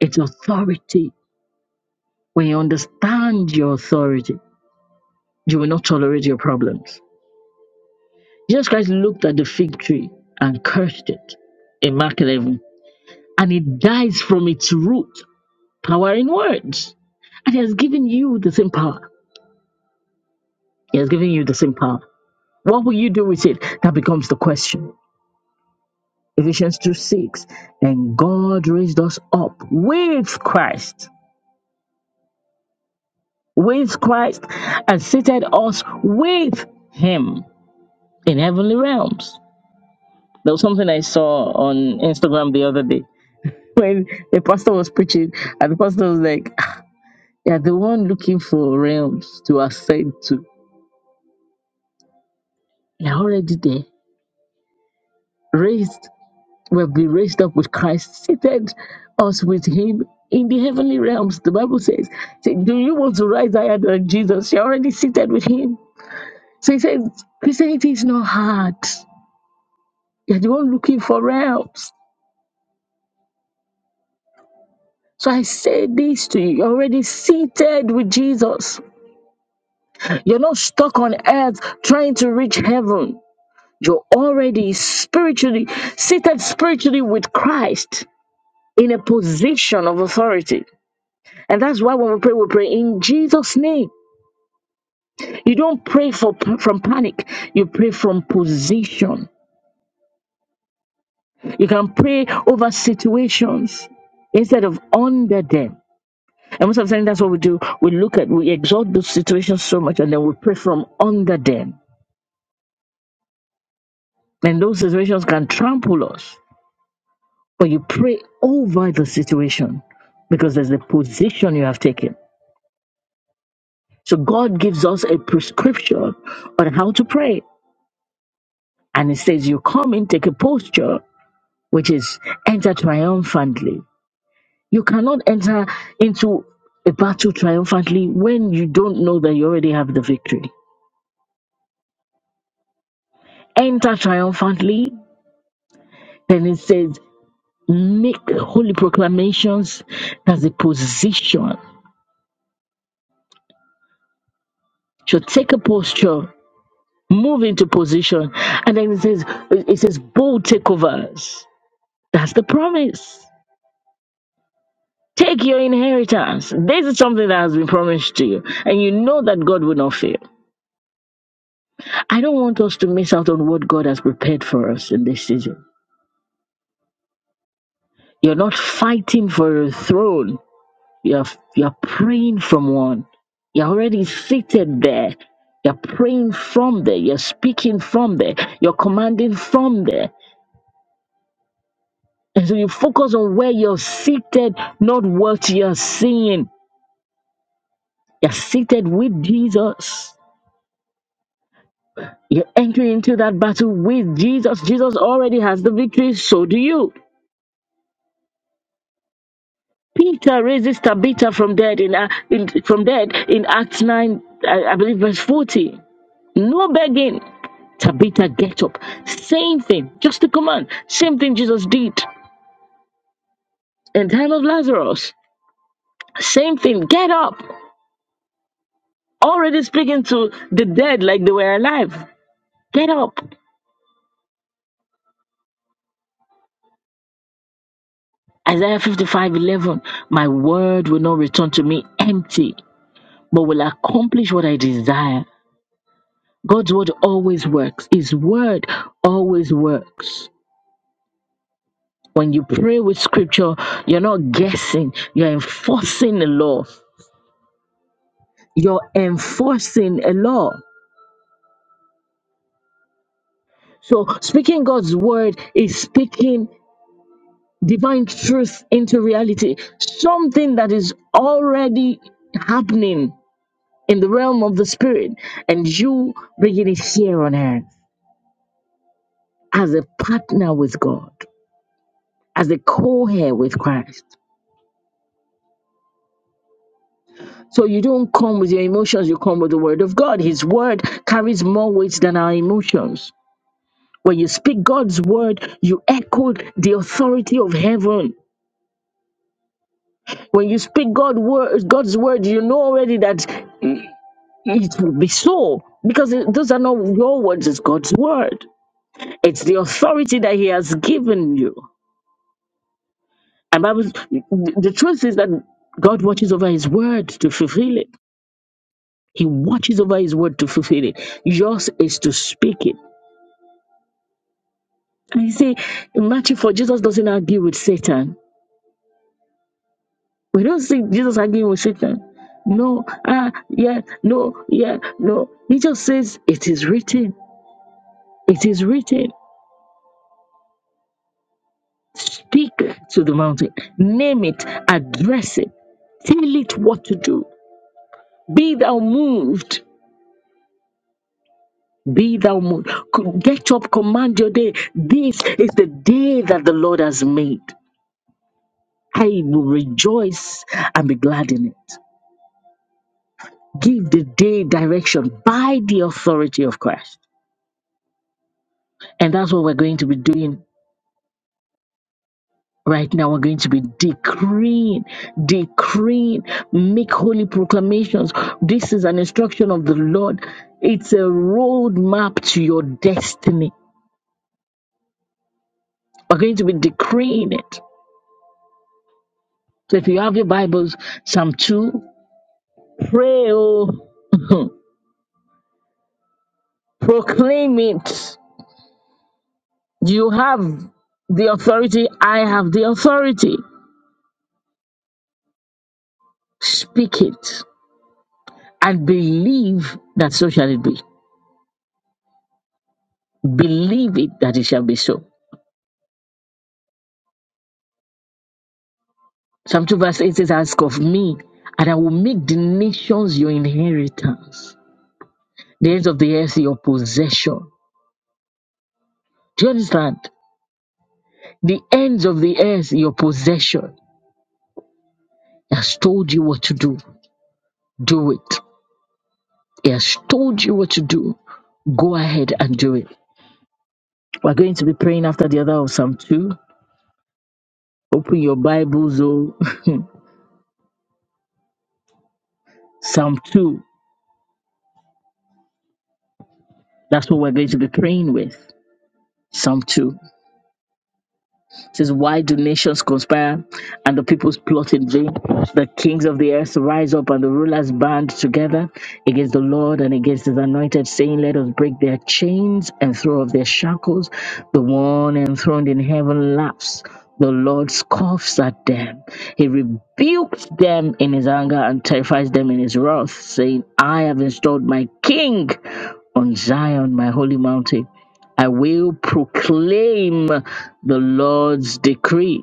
S2: it's authority when you understand your authority you will not tolerate your problems Jesus Christ looked at the fig tree and cursed it in Mark 11, and it dies from its root, power in words. And He has given you the same power. He has given you the same power. What will you do with it? That becomes the question. Ephesians 2 6. And God raised us up with Christ, with Christ, and seated us with Him in heavenly realms. There was something I saw on Instagram the other day <laughs> when the pastor was preaching, and the pastor was like, "Ah, "You are the one looking for realms to ascend to. You are already there, raised. We have been raised up with Christ, seated us with Him in the heavenly realms." The Bible says, say, "Do you want to rise higher than Jesus? You are already seated with Him." So He said, "Christianity is not hard. You are the one looking for realms." So I say this to you, you're already seated with Jesus. You're not stuck on earth trying to reach heaven. You're already spiritually seated spiritually with Christ in a position of authority. And that's why when we pray, we pray in Jesus' name. You don't pray for from panic. You pray from position. You can pray over situations instead of under them. And most of the time, that's what we do. We look at, we exalt those situations so much, and then we pray from under them. And those situations can trample us. but you pray over the situation because there's a position you have taken. So God gives us a prescription on how to pray. And it says, You come in, take a posture, which is enter triumphantly. You cannot enter into a battle triumphantly when you don't know that you already have the victory. Enter triumphantly, then it says, Make holy proclamations. That's a position. So take a posture move into position. And then it says, it says bold takeovers. That's the promise. Take your inheritance. This is something that has been promised to you. And you know that God will not fail. I don't want us to miss out on what God has prepared for us in this season. You're not fighting for a throne. You're, you're praying from one. You're already seated there. You're praying from there. You're speaking from there. You're commanding from there. And so you focus on where you're seated, not what you're seeing. You're seated with Jesus. You're entering into that battle with Jesus. Jesus already has the victory, so do you. Peter raises Tabitha from dead in, A- in from dead in Acts 9, I, I believe verse 40. No begging. Tabitha, get up. Same thing, just a command. Same thing Jesus did in time of Lazarus. Same thing, get up. Already speaking to the dead like they were alive. Get up. Isaiah 55 11. My word will not return to me empty, but will accomplish what I desire. God's word always works. His word always works. When you pray with scripture, you're not guessing, you're enforcing the law. You're enforcing a law. So, speaking God's word is speaking divine truth into reality, something that is already happening in the realm of the spirit and you bringing it here on earth as a partner with God, as a co heir with Christ. So you don't come with your emotions, you come with the word of God. His word carries more weight than our emotions. When you speak God's word, you echo the authority of heaven. When you speak God word, God's word, you know already that it will be so because it- those are not your words, it's God's word. It's the authority that He has given you. And Bible, the the truth is that God watches over His word to fulfill it. He watches over His word to fulfill it. Yours is to speak it. And you see, in Matthew 4, Jesus doesn't argue with Satan. We don't see Jesus arguing with Satan. No, ah, yeah, no, yeah, no. He just says, It is written. It is written. Speak to the mountain, name it, address it, tell it what to do. Be thou moved. Be thou mo- get up, command your day. This is the day that the Lord has made. I will rejoice and be glad in it. Give the day direction by the authority of Christ. And that's what we're going to be doing right now. We're going to be decreeing, decreeing, make holy proclamations. This is an instruction of the Lord. It's a roadmap to your destiny. We're going to be decreeing it. So if you have your Bibles, Psalm 2. Pray, oh, proclaim it. You have the authority. I have the authority. Speak it and believe that so shall it be. Believe it that it shall be so. Psalm 2 verse 8 says, Ask of me, and I will make the nations your inheritance, the ends of the earth your possession. Do you understand? The ends of the earth your possession. He has told you what to do. Do it. He has told you what to do. Go ahead and do it We're going to be praying after the other of Psalm 2. Open your Bibles, oh, <laughs> Psalm 2. That's what we're going to be praying with. Psalm 2. It says, Why do nations conspire and the peoples plot in vain? The kings of the earth rise up and the rulers band together against the Lord and against his anointed, saying, Let us break their chains and throw off their shackles. The one enthroned in heaven laughs. The Lord scoffs at them. He rebukes them in his anger and terrifies them in his wrath, saying, I have installed my king on Zion, my holy mountain. I will proclaim the Lord's decree.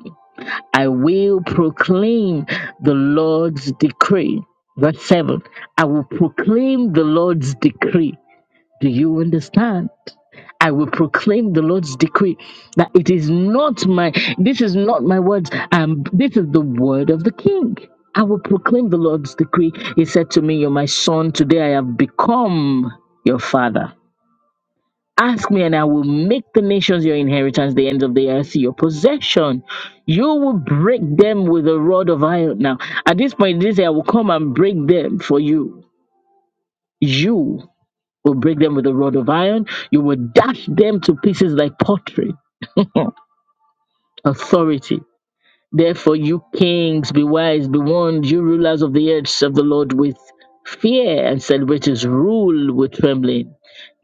S2: I will proclaim the Lord's decree. Verse 7 I will proclaim the Lord's decree. Do you understand? I will proclaim the Lord's decree that it is not my, this is not my words, um, this is the word of the king. I will proclaim the Lord's decree. He said to me, You're my son, today I have become your father. Ask me, and I will make the nations your inheritance, the ends of the earth your possession. You will break them with a rod of iron. Now, at this point, this I will come and break them for you. You will break them with a rod of iron. You will dash them to pieces like pottery. Authority. Therefore, you kings, be wise, be warned, you rulers of the earth, serve the Lord with fear and celebrate his rule with trembling.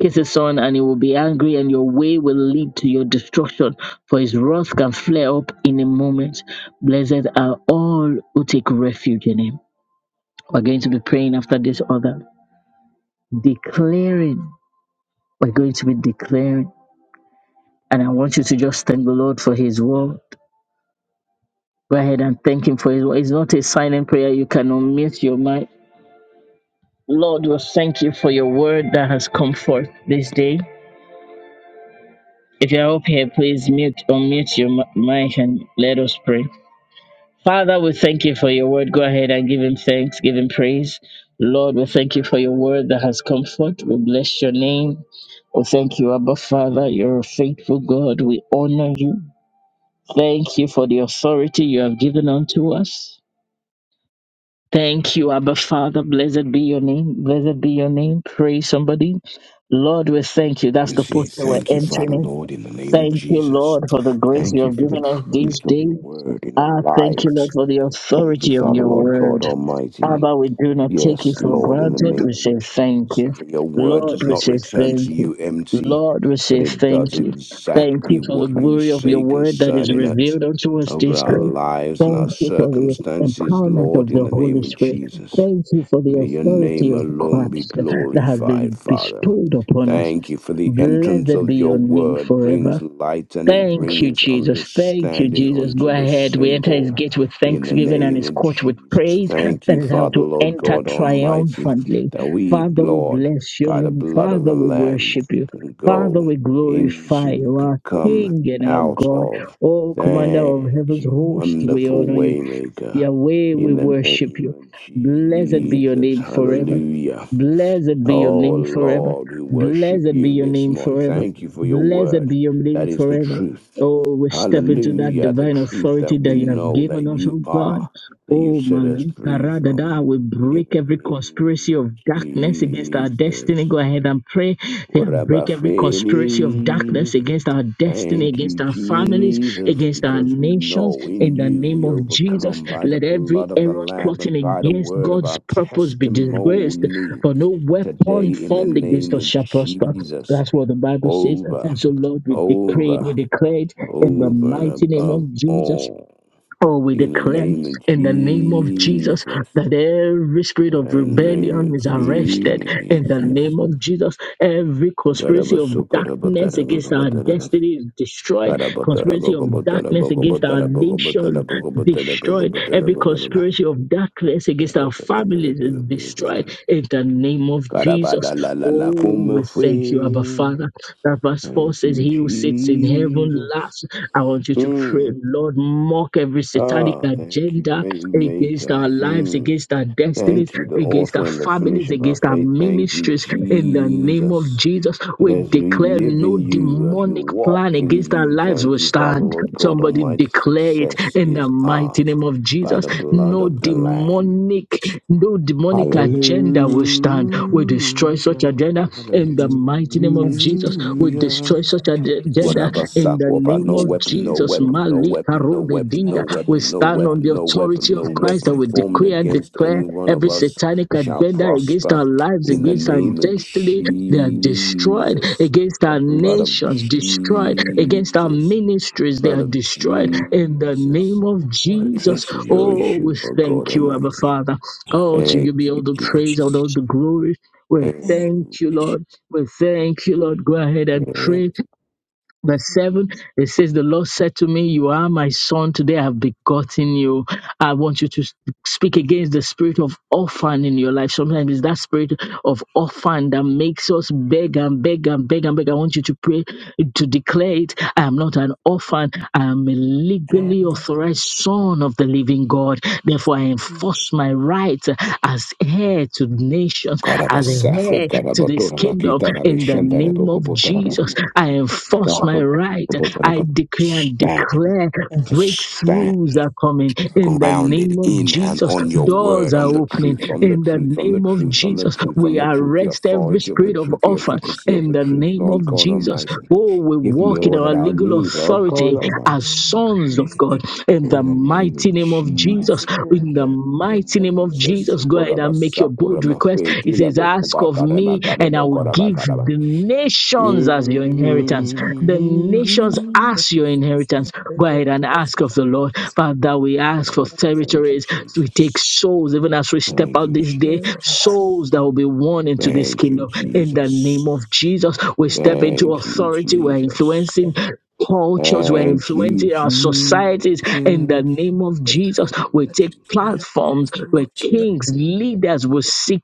S2: Kiss his son, and he will be angry, and your way will lead to your destruction, for his wrath can flare up in a moment. Blessed are all who take refuge in him. We're going to be praying after this order, declaring. We're going to be declaring. And I want you to just thank the Lord for his word. Go ahead and thank him for his word. It's not a silent prayer. You can unmute your mic Lord, we thank you for your word that has come forth this day. If you're up here, please mute unmute your mi- mic and let us pray. Father, we thank you for your word. Go ahead and give him thanks, give him praise. Lord, we thank you for your word that has come forth. We bless your name. We thank you, Abba Father. You're a faithful God. We honor you. Thank you for the authority you have given unto us. Thank you, Abba Father. Blessed be your name. Blessed be your name. Pray somebody. Lord, we thank you. That's the
S5: See,
S2: posture we're
S5: thank you,
S2: entering
S5: Father
S2: in.
S5: Lord, in the name of
S2: Thank you,
S5: Jesus.
S2: Lord, for the grace you
S5: Thank you
S2: have
S5: for the
S2: given us this
S5: truth of
S2: day.
S5: your word in our
S2: Ah, thank you,
S5: lives.
S2: Lord, for the
S5: Thank you,
S2: authority of
S5: Father
S2: your
S5: Lord
S2: word.
S5: God Almighty.
S2: Abba, we do not take it
S5: Yes,
S2: for
S5: Lord, in the
S2: granted. We
S5: name
S2: say
S5: of
S2: thank
S5: Jesus,
S2: you.
S5: that your word
S2: Lord,
S5: does
S2: we
S5: not
S2: say
S5: return
S2: thank
S5: to
S2: you.
S5: you empty,
S2: Lord, we
S5: but
S2: say
S5: it does
S2: thank you. Thank
S5: exactly
S2: you for the
S5: what you
S2: glory of your
S5: say
S2: word that is
S5: concerning it
S2: revealed unto us
S5: over
S2: this
S5: our
S2: day.
S5: lives and
S2: Thank
S5: our
S2: you for the
S5: circumstances,
S2: empowerment of
S5: Lord, in
S2: the
S5: the
S2: Holy
S5: name of
S2: Spirit.
S5: Jesus.
S2: Thank you for the
S5: May your
S2: authority
S5: name
S2: of
S5: alone be
S2: Christ that has
S5: glorified,
S2: been
S5: Father.
S2: bestowed upon us.
S5: Thank you for the entrance
S2: Blessed be
S5: of
S2: your
S5: your
S2: name
S5: word brings
S2: forever.
S5: light and it
S2: Thank you,
S5: brings
S2: Jesus. Thank you,
S5: understanding
S2: Jesus. Go
S5: unto the
S2: ahead. We enter his
S5: simple.
S2: gate with
S5: In the
S2: thanksgiving and
S5: name
S2: his
S5: of
S2: court with
S5: Jesus.
S2: praise.
S5: Thank
S2: That
S5: you,
S2: is how
S5: Father,
S2: to
S5: Lord
S2: enter
S5: God Almighty,
S2: triumphantly.
S5: that we,
S2: Father, we
S5: Lord,
S2: bless your
S5: by the
S2: name.
S5: blood of
S2: Father,
S5: the
S2: we
S5: Lamb,
S2: worship you.
S5: can
S2: Father,
S5: go
S2: we glorify
S5: into,
S2: you,
S5: can
S2: our
S5: come
S2: King and our
S5: out
S2: God.
S5: of.
S2: Oh, Commander of
S5: Thank
S2: Heaven's
S5: you,
S2: host, we
S5: wonderful
S2: honor you.
S5: waymaker.
S2: Yahweh, we
S5: In the
S2: worship
S5: name
S2: you.
S5: of
S2: Blessed be your
S5: Jesus,
S2: name forever.
S5: hallelujah.
S2: Blessed be your
S5: Oh
S2: name forever.
S5: Lord, we worship
S2: Blessed be
S5: you
S2: your
S5: this
S2: name
S5: morning.
S2: forever.
S5: Thank you for your
S2: Blessed
S5: word.
S2: be your name
S5: That is the
S2: forever.
S5: truth.
S2: Oh, we step into that
S5: Hallelujah, the
S2: divine
S5: truth
S2: authority
S5: that we
S2: that you have
S5: know that
S2: given us,
S5: you
S2: oh God.
S5: are, that you
S2: Oh,
S5: set us free from.
S2: Malinkarada, we
S5: In
S2: break
S5: the
S2: every conspiracy
S5: name of
S2: of darkness against our destiny.
S5: Jesus.
S2: Go ahead and pray. Yeah, break every conspiracy of
S5: Rabafeli.
S2: darkness against our destiny,
S5: Thank you,
S2: against our families,
S5: Jesus,
S2: against our
S5: because we
S2: nations.
S5: know in
S2: In the
S5: you
S2: name
S5: we
S2: of Jesus,
S5: overcome by the
S2: let every
S5: blood of the
S2: error
S5: Lamb
S2: plotting
S5: and by the
S2: against
S5: word of
S2: God's
S5: our
S2: purpose be disgraced.
S5: testimony.
S2: For no
S5: Today,
S2: weapon
S5: in the
S2: formed against
S5: name
S2: us
S5: of
S2: shall prosper.
S5: Jesus,
S2: That's what the Bible says. And
S5: over,
S2: so, Lord, we decree it, we
S5: over,
S2: declare it in the
S5: over and
S2: mighty name
S5: above
S2: of Jesus.
S5: all.
S2: Oh, we
S5: In the
S2: declare
S5: name of
S2: in the name of Jesus
S5: Jesus,
S2: that every spirit
S5: in
S2: of
S5: the name
S2: rebellion
S5: of
S2: is arrested. In the
S5: Jesus.
S2: name of Jesus, every conspiracy of darkness against our destiny is destroyed.
S5: Karabotara
S2: Conspiracy
S5: boko
S2: of
S5: botara
S2: darkness
S5: boko
S2: against our
S5: botara boko botara
S2: nation destroyed. Every conspiracy of darkness against our families is destroyed. In the name of Jesus.
S5: Karabada la la la
S2: Oh,
S5: come
S2: we thank you, Abba
S5: free.
S2: Father. That verse 4
S5: Thank
S2: says,
S5: you,
S2: He who sits in heaven
S5: Jesus.
S2: laughs I want you to pray,
S5: Mm.
S2: Lord, mock every satanic
S5: Ah, thank you,
S2: agenda
S5: baby
S2: against our
S5: maker.
S2: lives,
S5: Mm.
S2: against our destinies,
S5: Thank you, the
S2: against
S5: author
S2: our
S5: and the finish
S2: families,
S5: of our
S2: against our
S5: faith. Thank you,
S2: ministries. In the name of
S5: Jesus.
S2: Jesus,
S5: That
S2: we
S5: as we
S2: declare
S5: live
S2: no
S5: in you, as we
S2: demonic
S5: walk
S2: plan
S5: in
S2: against our
S5: you,
S2: lives
S5: thank
S2: will
S5: you, Father,
S2: stand.
S5: Lord God
S2: Somebody
S5: Almighty,
S2: declare it
S5: success
S2: in the
S5: is
S2: mighty
S5: ours
S2: name of
S5: by
S2: Jesus.
S5: the blood
S2: No
S5: of the Lamb.
S2: demonic, no demonic
S5: Hallelujah.
S2: agenda will stand. We destroy such agenda in the mighty name of
S4: Every
S2: Jesus. We
S4: demonic
S5: Hallelujah.
S2: destroy such
S4: agenda that
S2: ag-
S4: is
S2: agenda
S4: destroyed.
S2: in the
S5: Guarabasakopa,
S2: name
S5: no
S2: of
S5: weapon, no
S2: Jesus.
S5: weapon, no
S2: Malika
S5: weapon, no weapon, no
S2: Rodedida. We
S5: weapon, no
S2: stand
S4: agenda
S2: on the
S5: weapon, no
S2: authority
S5: weapon, no
S2: of
S4: I'm Thank
S2: Christ that
S5: weapon
S2: we
S5: formed
S2: decree and
S5: against
S2: declare
S5: any one of
S2: Every
S5: us
S2: satanic
S5: shall
S2: agenda against
S5: prosper
S2: our lives,
S5: in the
S2: against our
S5: name of
S2: destiny, they are destroyed.
S5: Jesus,
S2: Against
S5: the
S2: our
S5: blood of
S2: nations, destroyed. Against our
S5: Jesus, the
S2: ministries, they
S5: blood
S2: are
S5: of
S2: destroyed. In the
S5: Jesus
S2: name of Jesus,
S5: addresses your
S2: oh,
S5: issue,
S2: we
S5: Lord God
S2: thank you, Abba
S5: Almighty.
S2: Father. Oh, to you
S5: Thank
S2: be all
S5: you,
S2: the praise and
S5: Jesus.
S2: all the glory. We
S5: Thank
S2: thank you,
S5: you,
S2: Lord. We thank you, Lord. Go ahead and
S5: Jesus.
S2: pray. Verse 7, it says, The Lord said to me, You are my son, today I have begotten you. I want you to speak against the spirit of orphan in your life. Sometimes it's that spirit of orphan that makes us beg and beg and beg and beg. I want you to pray to declare it. I am not an orphan, I am a legally authorized son of the living God. Therefore, I enforce my right as heir to nations, as an
S5: Karabasafwe
S2: heir to this
S5: Karabatora
S2: kingdom.
S5: Bakita
S2: In the
S5: Rabishandara
S2: name of
S5: Bokobotara
S2: Jesus, I enforce my right. I decree and
S5: Stand,
S2: declare
S5: stand
S2: breakthroughs are coming. In the
S5: grounded
S2: name of
S5: in and
S2: Jesus,
S5: on your
S2: doors
S5: word,
S2: are
S5: on the
S2: opening.
S5: truth, on the
S2: In the
S5: truth, on the
S2: name of
S5: truth, on the
S2: Jesus,
S5: truth, on
S2: we
S5: the truth, the
S2: arrest every
S5: authority of the
S2: spirit of
S5: truth, the
S2: offer.
S5: efficacy of
S2: In
S5: the
S2: the
S5: truth,
S2: name
S5: Lord
S2: of
S5: God
S2: Jesus,
S5: Almighty.
S2: oh, we
S5: Give me
S2: walk in
S5: all that
S2: our
S5: I
S2: legal
S5: need, Lord God
S2: authority
S5: Almighty.
S2: as sons of God in the
S5: In the name
S2: mighty
S5: of
S2: name of
S5: Jesus.
S2: Jesus. In the mighty name of Jesus, go ahead and make your
S5: Korabasa,
S2: bold request.
S5: koramafwe,
S2: It
S5: kila
S2: says, Ask of
S5: bokobakara,
S2: me,
S5: makare,
S2: and I will give
S5: bokorabakaraba.
S2: the nations as your
S5: Mhm.
S2: inheritance. The nations as your inheritance. Go ahead and ask of the Lord. Father, we ask for
S5: Thank you,
S2: territories. We take
S5: Jesus.
S2: souls, even as we step
S5: Thank
S2: out
S5: you,
S2: this day, souls
S5: Jesus.
S2: that will be won into this
S5: Thank you,
S2: kingdom in the name of
S5: Jesus.
S2: Jesus, we step into
S5: Thank you,
S2: authority. We're
S5: Jesus.
S2: influencing cultures, we're
S5: Thank you,
S2: influencing our societies in the
S5: Jesus.
S2: name of Jesus. We take
S5: Jesus.
S2: platforms where kings,
S5: In
S2: leaders will seek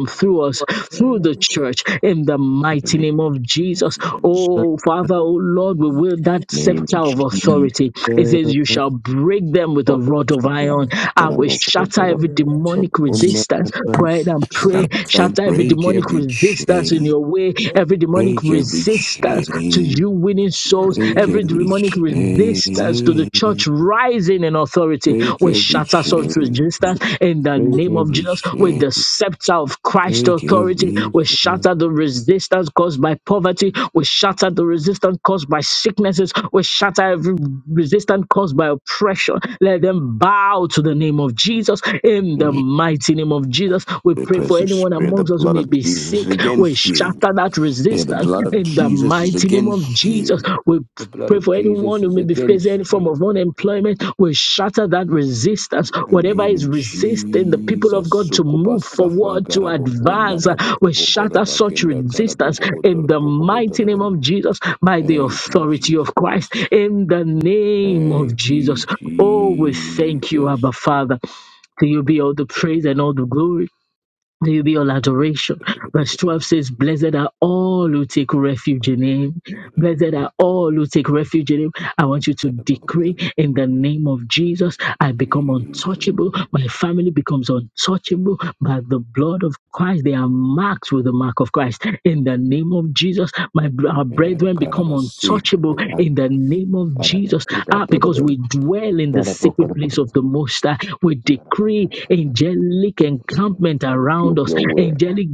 S5: the name
S2: through us,
S5: of
S2: through the church, in the mighty
S5: Jesus.
S2: name of Jesus.
S5: In
S2: Oh, Father, oh Lord, we will that
S5: the name
S2: scepter
S5: of
S2: of
S5: Jesus.
S2: authority. It says, You shall break them with a
S5: Papa.
S2: rod of iron. I
S5: And
S2: will shatter every
S5: I
S2: demonic resistance.
S5: will
S2: Go ahead and pray way,
S5: Gotta, gotta
S2: shatter every
S5: break
S2: demonic
S5: every
S2: resistance in
S5: chain.
S2: your way, every demonic
S5: Break every
S2: resistance to you
S5: chain.
S2: winning souls,
S4: you.
S5: Break
S2: every
S5: every
S2: demonic resistance to the
S5: chain.
S2: church rising in authority.
S5: Break
S2: We
S5: every
S2: shatter such
S5: chain.
S2: resistance in the
S5: Break
S2: name of
S5: every
S2: Jesus with
S5: chain.
S2: the scepter of Christ's
S5: Break every
S2: authority.
S5: chain.
S2: We shatter the resistance caused by poverty. We shatter the resistance caused by sicknesses. We shatter every resistance caused by oppression. Let them bow to the name of Jesus in the
S5: And the
S2: mighty mighty name of Jesus. We pray for
S5: oppressive
S2: anyone
S5: spirit, the
S2: amongst us who
S5: blood
S2: may
S5: of
S2: be
S5: Jesus is
S2: sick. We
S5: against you.
S2: shatter that
S5: Yeah, the
S2: resistance
S5: blood of
S2: in the
S5: Jesus is
S2: mighty name of
S5: against
S2: Jesus.
S5: you.
S2: We
S5: The blood
S2: Pray
S5: of
S2: for anyone
S5: Jesus
S2: who
S5: is
S2: may be facing any
S5: against
S2: form
S5: you.
S2: of unemployment. We shatter that resistance.
S5: the
S2: Whatever
S5: name
S2: is
S5: of
S2: resisting the people of
S5: Jesus,
S2: God to
S5: Sukuba
S2: move
S5: Safwan
S2: forward, to
S5: Karaboko
S2: advance, uh,
S5: Naraboko
S2: we shatter such
S5: Bakenda
S2: resistance
S5: Karaboko
S2: in the
S5: Botoraboko
S2: mighty name
S5: Botorabam.
S2: of Jesus by the
S5: Thank you,
S2: authority
S5: Jesus.
S2: of Christ. In the name of
S5: Thank you,
S2: Jesus. Oh, we thank you, Abba
S5: Jesus.
S2: Father. To you be all the praise and all the glory. To you be all adoration. Verse 12 says, Blessed are all who take refuge in him. Blessed are all who take refuge in him. I want you to decree in the name of Jesus, I become untouchable.
S5: Jesus.
S2: My family becomes untouchable by the blood of Christ. They are marked with the mark of Christ. In the name of Jesus, my br- our
S5: Amen.
S2: brethren become
S5: Karabasi.
S2: untouchable
S5: Karab-
S2: in the name of
S5: Karab- Karab-
S2: Jesus. Ah, because we
S5: Karab-
S2: dwell in the secret
S5: Karab-
S2: place of the of the Most High. We decree
S5: Karab-
S2: angelic
S5: Karab-
S2: encampment
S5: Authority
S2: around
S5: of
S2: us,
S5: your word.
S2: angelic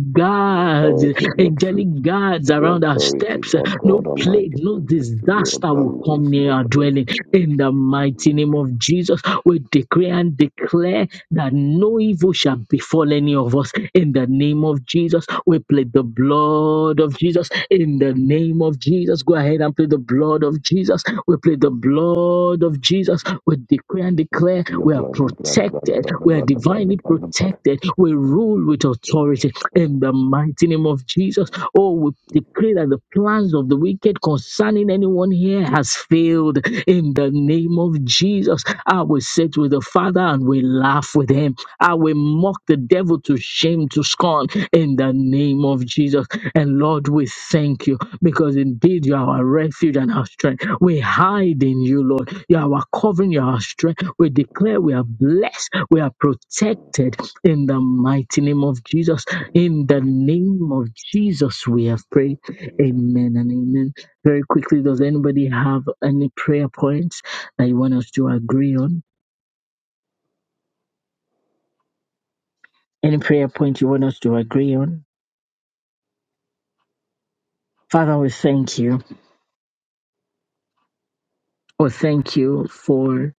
S5: the
S2: guards,
S5: authority of your truth,
S2: angelic guards
S5: with the
S2: around our
S5: authority,
S2: steps.
S5: Lord
S2: No
S5: God Almighty,
S2: plague,
S5: of
S2: no
S5: your grace, of your
S2: disaster will come
S5: abundance,
S2: near
S5: Lord,
S2: our
S5: in the
S2: dwelling.
S5: name of
S2: In the mighty
S5: Jesus.
S2: name of Jesus, we decree and declare that no evil shall befall any of us. In the name of Jesus, we plead the blood of Jesus. In the name of Jesus, go ahead and plead the blood of of Jesus. We plead the blood of Jesus. We decree and
S5: Thank you
S2: declare
S5: for your
S2: we are
S5: blood, the blood, the blood, the
S2: protected.
S5: blood, the
S2: We are
S5: blood, the blood, the
S2: divinely
S5: blood, the blood.
S2: protected. We
S5: Thank you,
S2: rule with
S5: blood,
S2: authority
S5: Lord God.
S2: in the mighty name of Jesus. Oh, we decree that the plans of the wicked concerning anyone here has failed in the name of Jesus. I will sit with the Father and we laugh with him. I will mock the devil to shame, to scorn in the name of Jesus. And Lord, we thank you because indeed you are our refuge and our strength. We hide in you, Lord. You are our covering, you are our strength. We declare we are blessed, we are protected in the mighty name of Jesus. In the
S5: Jesus.
S2: name of Jesus, we have prayed.
S5: Jesus.
S2: Amen and amen. Very quickly, does anybody have any prayer points that you want us to agree on? Any prayer point you want us to agree on? Father, we thank you. Oh, thank you for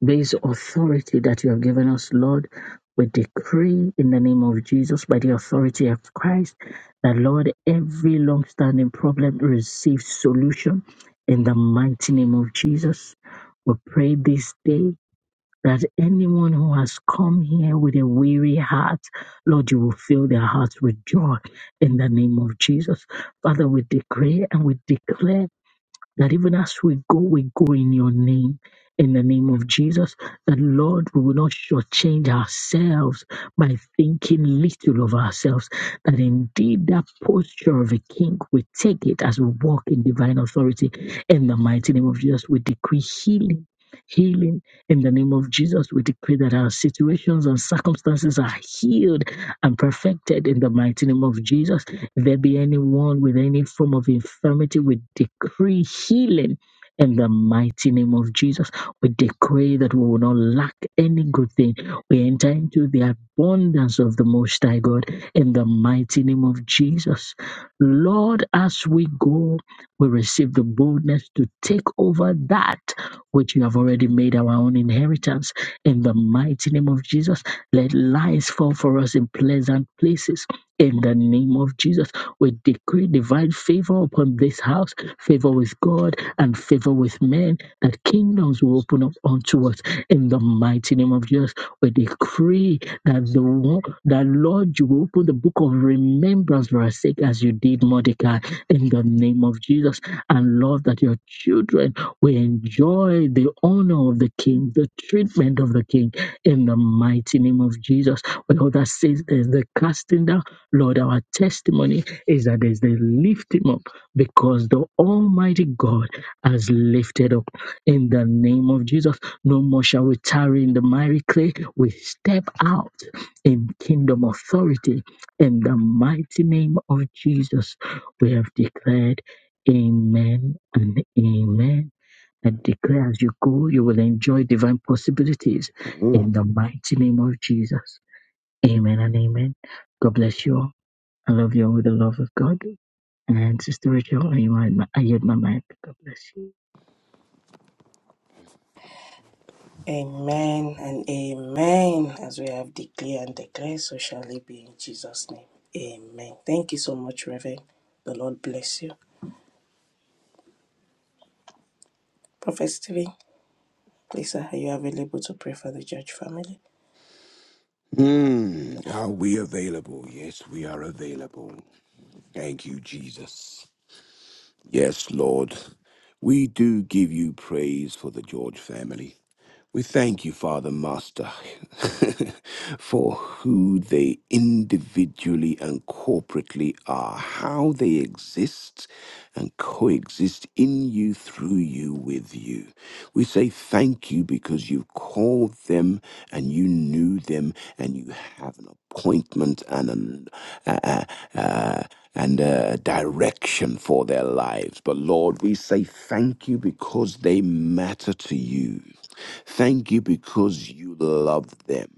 S2: This authority that you have given us, Lord, we decree in the name of Jesus by the authority of Christ that, Lord, every long standing problem receives solution in the mighty name of Jesus. We pray this day that anyone who has come here with a weary heart, Lord, you will fill their hearts with joy in the name of Jesus. Father, we decree and we declare that even as we go, we go in your name, in the name of Jesus. That Lord, we will not shortchange ourselves by thinking little of ourselves. That indeed, that posture of a king, we take it as we walk in divine authority. In the mighty name of Jesus, we decree healing. Healing in the name of Jesus, we decree that our situations and circumstances are healed and perfected in the mighty name of Jesus if there be anyone with any form of infirmity, we decree healing in the mighty name of Jesus. We decree that we will not lack any good thing. We enter into the abundance of the Most High God in the mighty name of Jesus. Lord, as we go, we receive the boldness to take over that which you have already made our own inheritance in the mighty name of Jesus. Let lies fall for us in pleasant places in the name of Jesus, we decree divine favor upon this house, favor with God and favor with men, that kingdoms will open up unto us. In the mighty name of Jesus, we decree that the wo- that Lord, you will open the book of remembrance for our sake, as you did Mordecai. In the name of Jesus, and Lord, that your children will enjoy the honor of the King, the treatment of the King. In the mighty name of Jesus, we all that says there's the casting down Lord, our testimony is that there's the lifting up because the Almighty God has lifted up in the name of Jesus. No more shall we tarry in the miry clay. We step out in kingdom authority in the mighty name of Jesus. We have declared amen and amen. I declare as you go, you will enjoy divine possibilities
S5: Mm.
S2: in the mighty name of Jesus. Amen and amen. God bless you all. I love you all with the love of God. And Sister Rachel, I yield my, I yield my mic. God bless you.
S4: Amen and amen. As we have declared and declared, so shall it be in Jesus' name. Amen. Thank you so much, Reverend. The Lord bless you. Prophet Stephen, please, are you available to pray for the church family?
S5: Mm, are we available? Yes, we are available. Thank you, Jesus. Yes, Lord. We do give you praise for the George family. We thank you, Father Master, <laughs> for who they individually and corporately are, how they exist and coexist in you, through you, with you. We say thank you because you called them and you knew them and you have an appointment and an, uh, uh, uh, and a direction for their lives. But Lord, we say thank you because they matter to you. Thank you because you love them.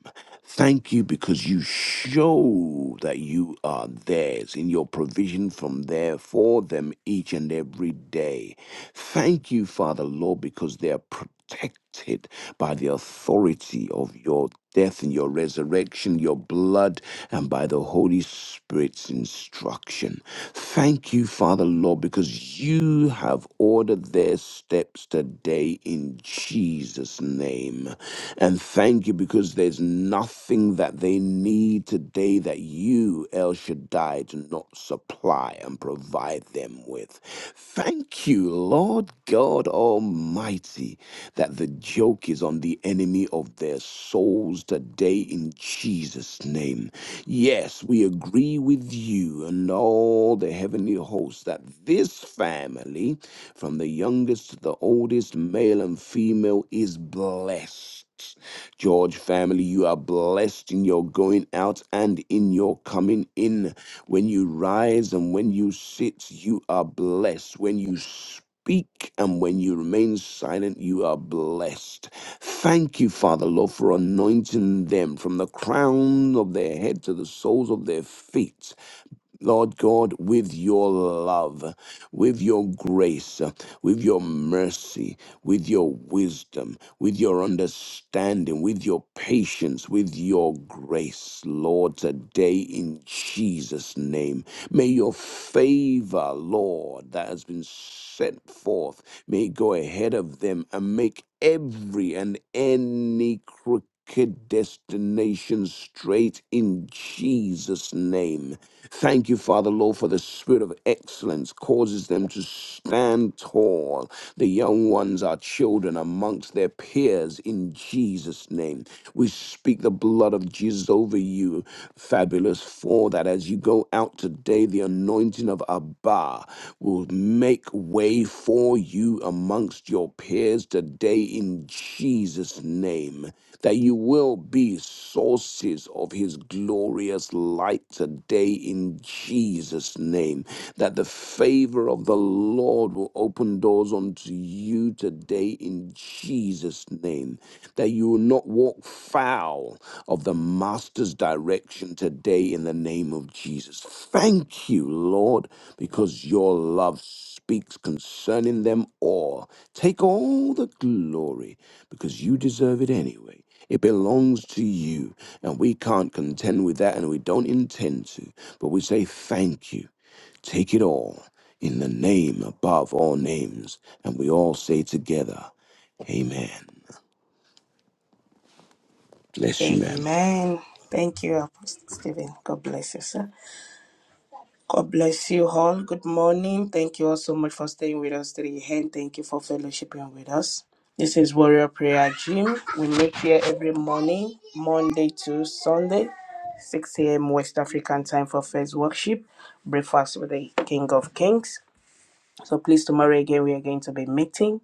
S5: Thank you because you show that you are theirs in your provision from there for them each and every day. Thank you, Father Lord, because they are protected by the authority of your death and your resurrection, your blood, and by the Holy Spirit's instruction. Thank you, Father, Lord, because you have ordered their steps today in Jesus' name. And thank you because there's nothing that they need today that you, El Shaddai, do not supply and provide them them with. Thank you, Lord God Almighty, that the joke is on the enemy of their souls today in Jesus' name. Yes, we agree with you and all the heavenly hosts that this family, from the youngest to the oldest, male and female, is blessed. George family, you are blessed in your going out and in your coming in. When you rise and when you sit, you are blessed. When you speak and when you remain silent, you are blessed. Thank you, Father, Lord, for anointing them from the crown of their head to the soles of their feet. Lord God, with your love, with your grace, with your mercy, with your wisdom, with your understanding, with your patience, with your grace, Lord, today in Jesus' name. May your favor, Lord, that has been sent forth, may it go ahead of them and make every and any crooked destination straight in Jesus' name. Thank you, Father, Lord, for the spirit of excellence causes them to stand tall. The young ones are children amongst their peers in Jesus' name. We speak the blood of Jesus over you, fabulous four, that as you go out today, the anointing of Abba will make way for you amongst your peers today in Jesus' name. That you will be sources of his glorious light today in Jesus' name. That the favor of the Lord will open doors unto you you today in Jesus' name. That you will not walk foul of the Master's direction today in the name of Jesus. Thank you, Lord, because your love speaks concerning them all. Take all the glory because you deserve it anyway. It belongs to you, and we can't contend with that, and we don't intend to. But we say thank you. Take it all in the name above all names. And we all say together, Amen. Bless you, ma'am.
S4: Amen. Thank you, Apostle Stephen. God bless you, sir. God bless you all. Good morning. Thank you all so much for staying with us today. And thank you for fellowshipping with us. This is Warrior Prayer Gym. We meet here every morning, Monday to Sunday. 6 a.m. West African time for first worship, breakfast with the King of Kings. So please, tomorrow again, we are going to be meeting.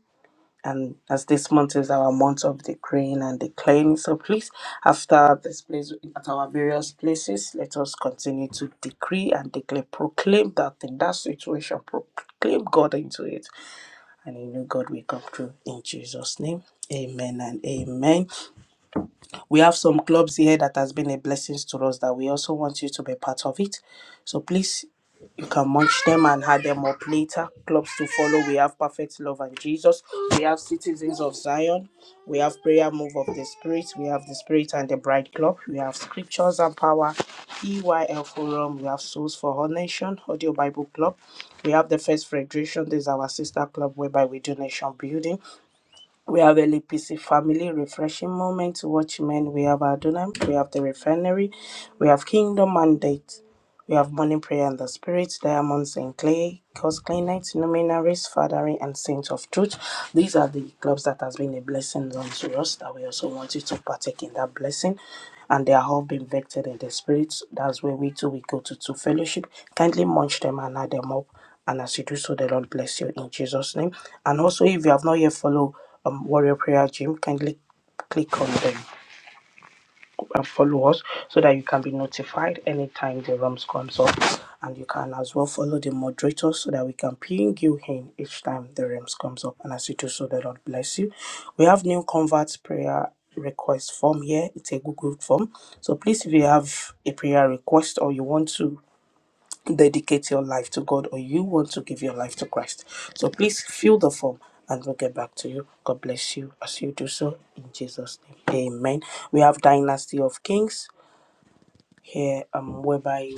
S4: And as this month is our month of the decreeing and declaring, so please, after this place, at our various places, let us continue to decree and declare, proclaim that in that situation, proclaim God into it. And you know God will come through in Jesus' name. Amen and amen we have some clubs here that has been a blessing to us that we also want you to be part of it. So please, you can munch them and add them up later. Clubs to follow, we have Perfect Love and Jesus. We have Citizens of Zion. We have Prayer Move of the Spirit. We have the Spirit and the Bride Club. We have Scriptures and Power, EYL Forum. We have Souls for All Nation, Audio Bible Club. We have the First Federation. This is our sister club whereby we do nation building. We have L a LPC family refreshing moment to watch men. We have Adonam. We have the refinery. We have Kingdom Mandate. We have morning prayer in the spirit, diamonds in clay, cause clay nights, luminaries, fathering, and saints of truth. These are the clubs that has been a blessing unto us that we also want you to partake in that blessing. And they are all being vectored in the spirit. That's where we too we go to to fellowship. Kindly munch them and add them up. And as you do so, the Lord bless you in Jesus' name. And also if you have not yet followed um Warrior Prayer Gym, kindly click on them and follow us so that you can be notified anytime the rooms comes up and you can as well follow the moderators so that we can ping you in each time the rooms comes up and as you do so the lord bless you we have new converts prayer request form here it's a google form so please if you have a prayer request or you want to dedicate your life to God or you want to give your life to Christ. So please fill the form and we'll get back to you. God bless you as you do so in Jesus' name. Amen. We have Dynasty of Kings here, um, whereby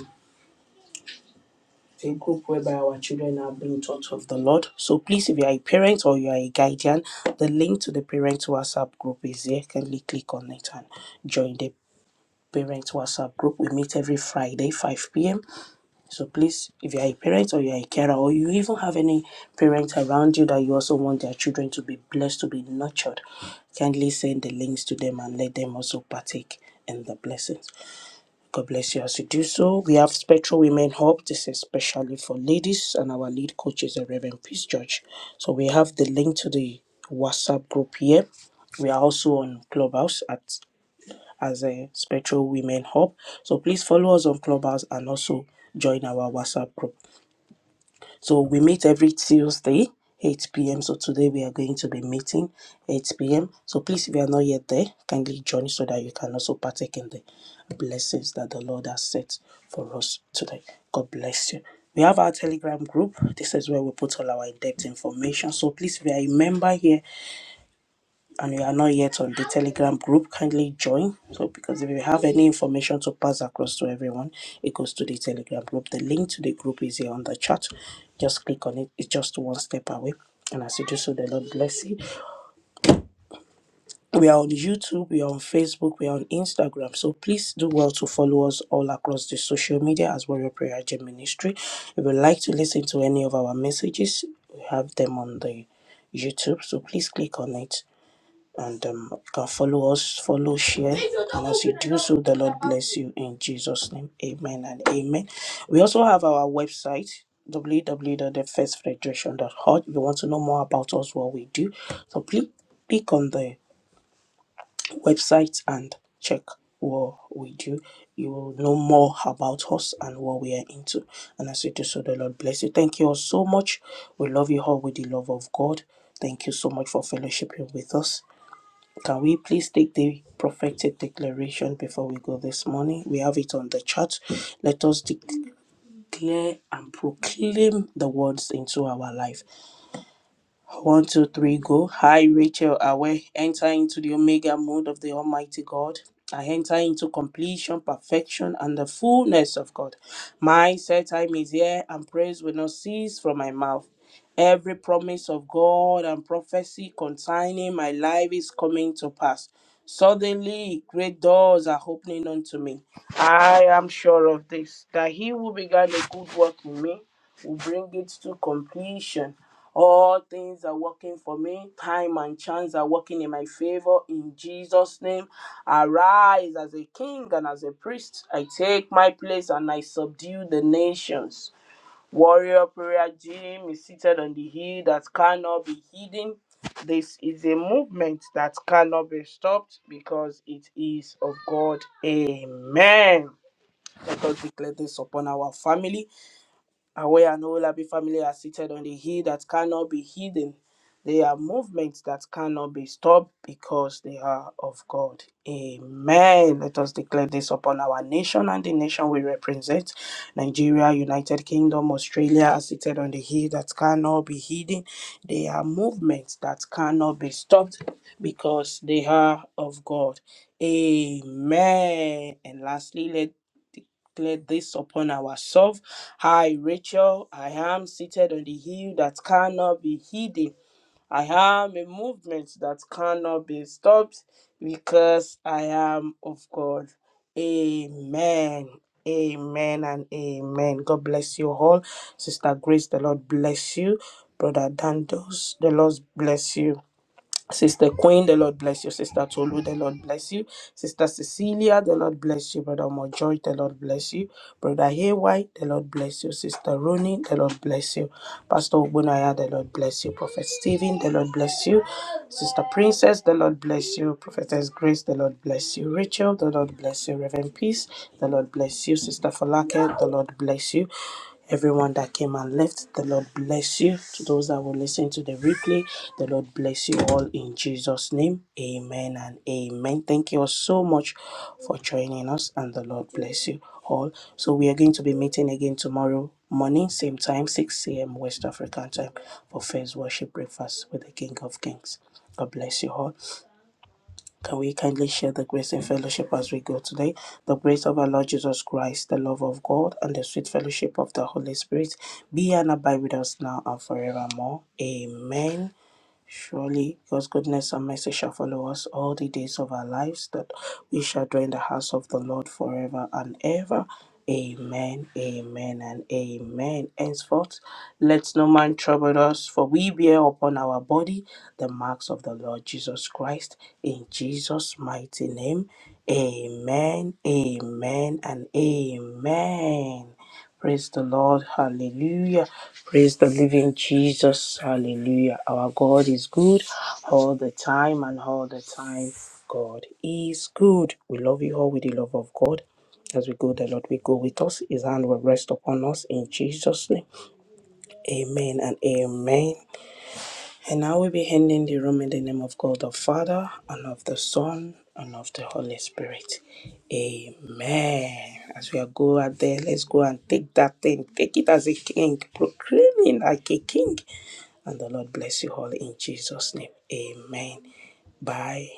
S4: a group whereby our children are being taught of the Lord. So please, if you are a parent or you are a guardian, the link to the parent WhatsApp group is here. Kindly click on it and join the parent WhatsApp group. We meet every Friday, 5 p.m. So please, if you are a parent or you are a carer or you even have any parents around you that you also want their children to be blessed, to be nurtured, kindly send the links to them and let them also partake in the blessings. God bless you as you do so. We have Spectral Women Hub. This is especially for ladies, and our lead coach is the Reverend Peace George. So we have the link to the WhatsApp group here. We are also on Clubhouse at as a Spectral Women Hub. So please follow us on Clubhouse and also join our WhatsApp group. So we meet every Tuesday, 8 p.m. So today we are going to be meeting 8 p.m. So please, if you are not yet there, kindly join so that you can also partake in the blessings that the Lord has set for us today. God bless you. We have our Telegram group. This is where we put all our in-depth information. So please, if you are a member here, and you are not yet on the Telegram group, kindly join. So, because if you have any information to pass across to everyone, it goes to the Telegram group. The link to the group is here on the chat. Just click on it, it's just one step away. And as you do so, the Lord bless you. We are on YouTube, we are on Facebook, we are on Instagram. So please do well to follow us all across the social media as Warrior Prayer Gym Ministry. If you'd like to listen to any of our messages, we have them on the YouTube. So please click on it and um, you can follow us, follow, share. And as you do so, the Lord bless you in Jesus' name. Amen and amen. We also have our website w w w dot www.thefirstfederation.org. If you want to know more about us, what we do, so please click on the website and check what we do. You will know more about us and what we are into. And as you do so, the Lord bless you. Thank you all so much. We love you all with the love of God. Thank you so much for fellowshipping with us. Can we please take the prophetic declaration before we go this morning? We have it on the chart. Let us declare and proclaim the words into our life. One, two, three, go. Hi, Rachel. I enter into the Omega mode of the Almighty God. I enter into completion, perfection, and the fullness of God. My set time is here, and praise will not cease from my mouth. Every promise of God and prophecy concerning my life is coming to pass. Suddenly, great doors are opening unto me. I am sure of this, that he who began a good work in me will bring it to completion all things are working for me. Time and chance are working in my favor. In Jesus' name, arise as a king and as a priest. I take my place and I subdue the nations. Warrior Prayer Gym is seated on the hill that cannot be hidden. This is a movement that cannot be stopped because it is of God. Amen. Let us declare this upon our family. And where an Olabi family are seated on the hill that cannot be hidden, they are movements that cannot be stopped because they are of God. Amen. Let us declare this upon our nation and the nation we represent Nigeria, United Kingdom, Australia are seated on the hill that cannot be hidden. They are movements that cannot be stopped because they are of God. Amen. And lastly, let declare this upon ourselves. I, Rachel, I am seated on the hill that cannot be hidden. I am a movement that cannot be stopped because I am of God. Amen. Amen and amen. God bless you all. Sister Grace, the Lord bless you. Brother Dandos, the Lord bless you. Sister Queen, the Lord bless you. Sister Tolu, the Lord bless you. Sister Cecilia, the Lord bless you. Brother Mojoy, the Lord bless you. Brother Haywire, the Lord bless you. Sister Rooney, the Lord bless you. Pastor Ogunaya, the Lord bless you. Prophet Stephen, the Lord bless you. Sister Princess, the Lord bless you. Prophetess Grace, the Lord bless you. Rachel, the Lord bless you. Reverend Peace, the Lord bless you. Sister Falake, the Lord bless you everyone that came and left. The Lord bless you. To those that will listen to the replay, the Lord bless you all in Jesus' name. Amen and amen. Thank you all so much for joining us, and the Lord bless you all. So, we are going to be meeting again tomorrow morning, same time, 6 a.m. West African time, for first worship breakfast with the King of Kings. God bless you all. Can we kindly share the grace and fellowship as we go today? The grace of our Lord Jesus Christ, the love of God, and the sweet fellowship of the Holy Spirit be and abide with us now and forevermore. Amen. Surely God's goodness and mercy shall follow us all the days of our lives, that we shall dwell in the house of the Lord forever and ever. Amen, amen, and amen. Henceforth, let no man trouble us, for we bear upon our body the marks of the Lord Jesus Christ. In Jesus' mighty name, amen, amen, and amen. Praise the Lord. Hallelujah. Praise the living Jesus. Hallelujah. Our God is good all the time and all the time. God is good. We love you all with the love of God. As we go, the Lord will go with us. His hand will rest upon us in Jesus' name. Amen and amen. And I will be handing the room in the name of God the Father, and of the Son, and of the Holy Spirit. Amen. As we are go out there, let's go and take that thing. Take it as a king. Proclaim it like a king. And the Lord bless you all in Jesus' name. Amen. Bye.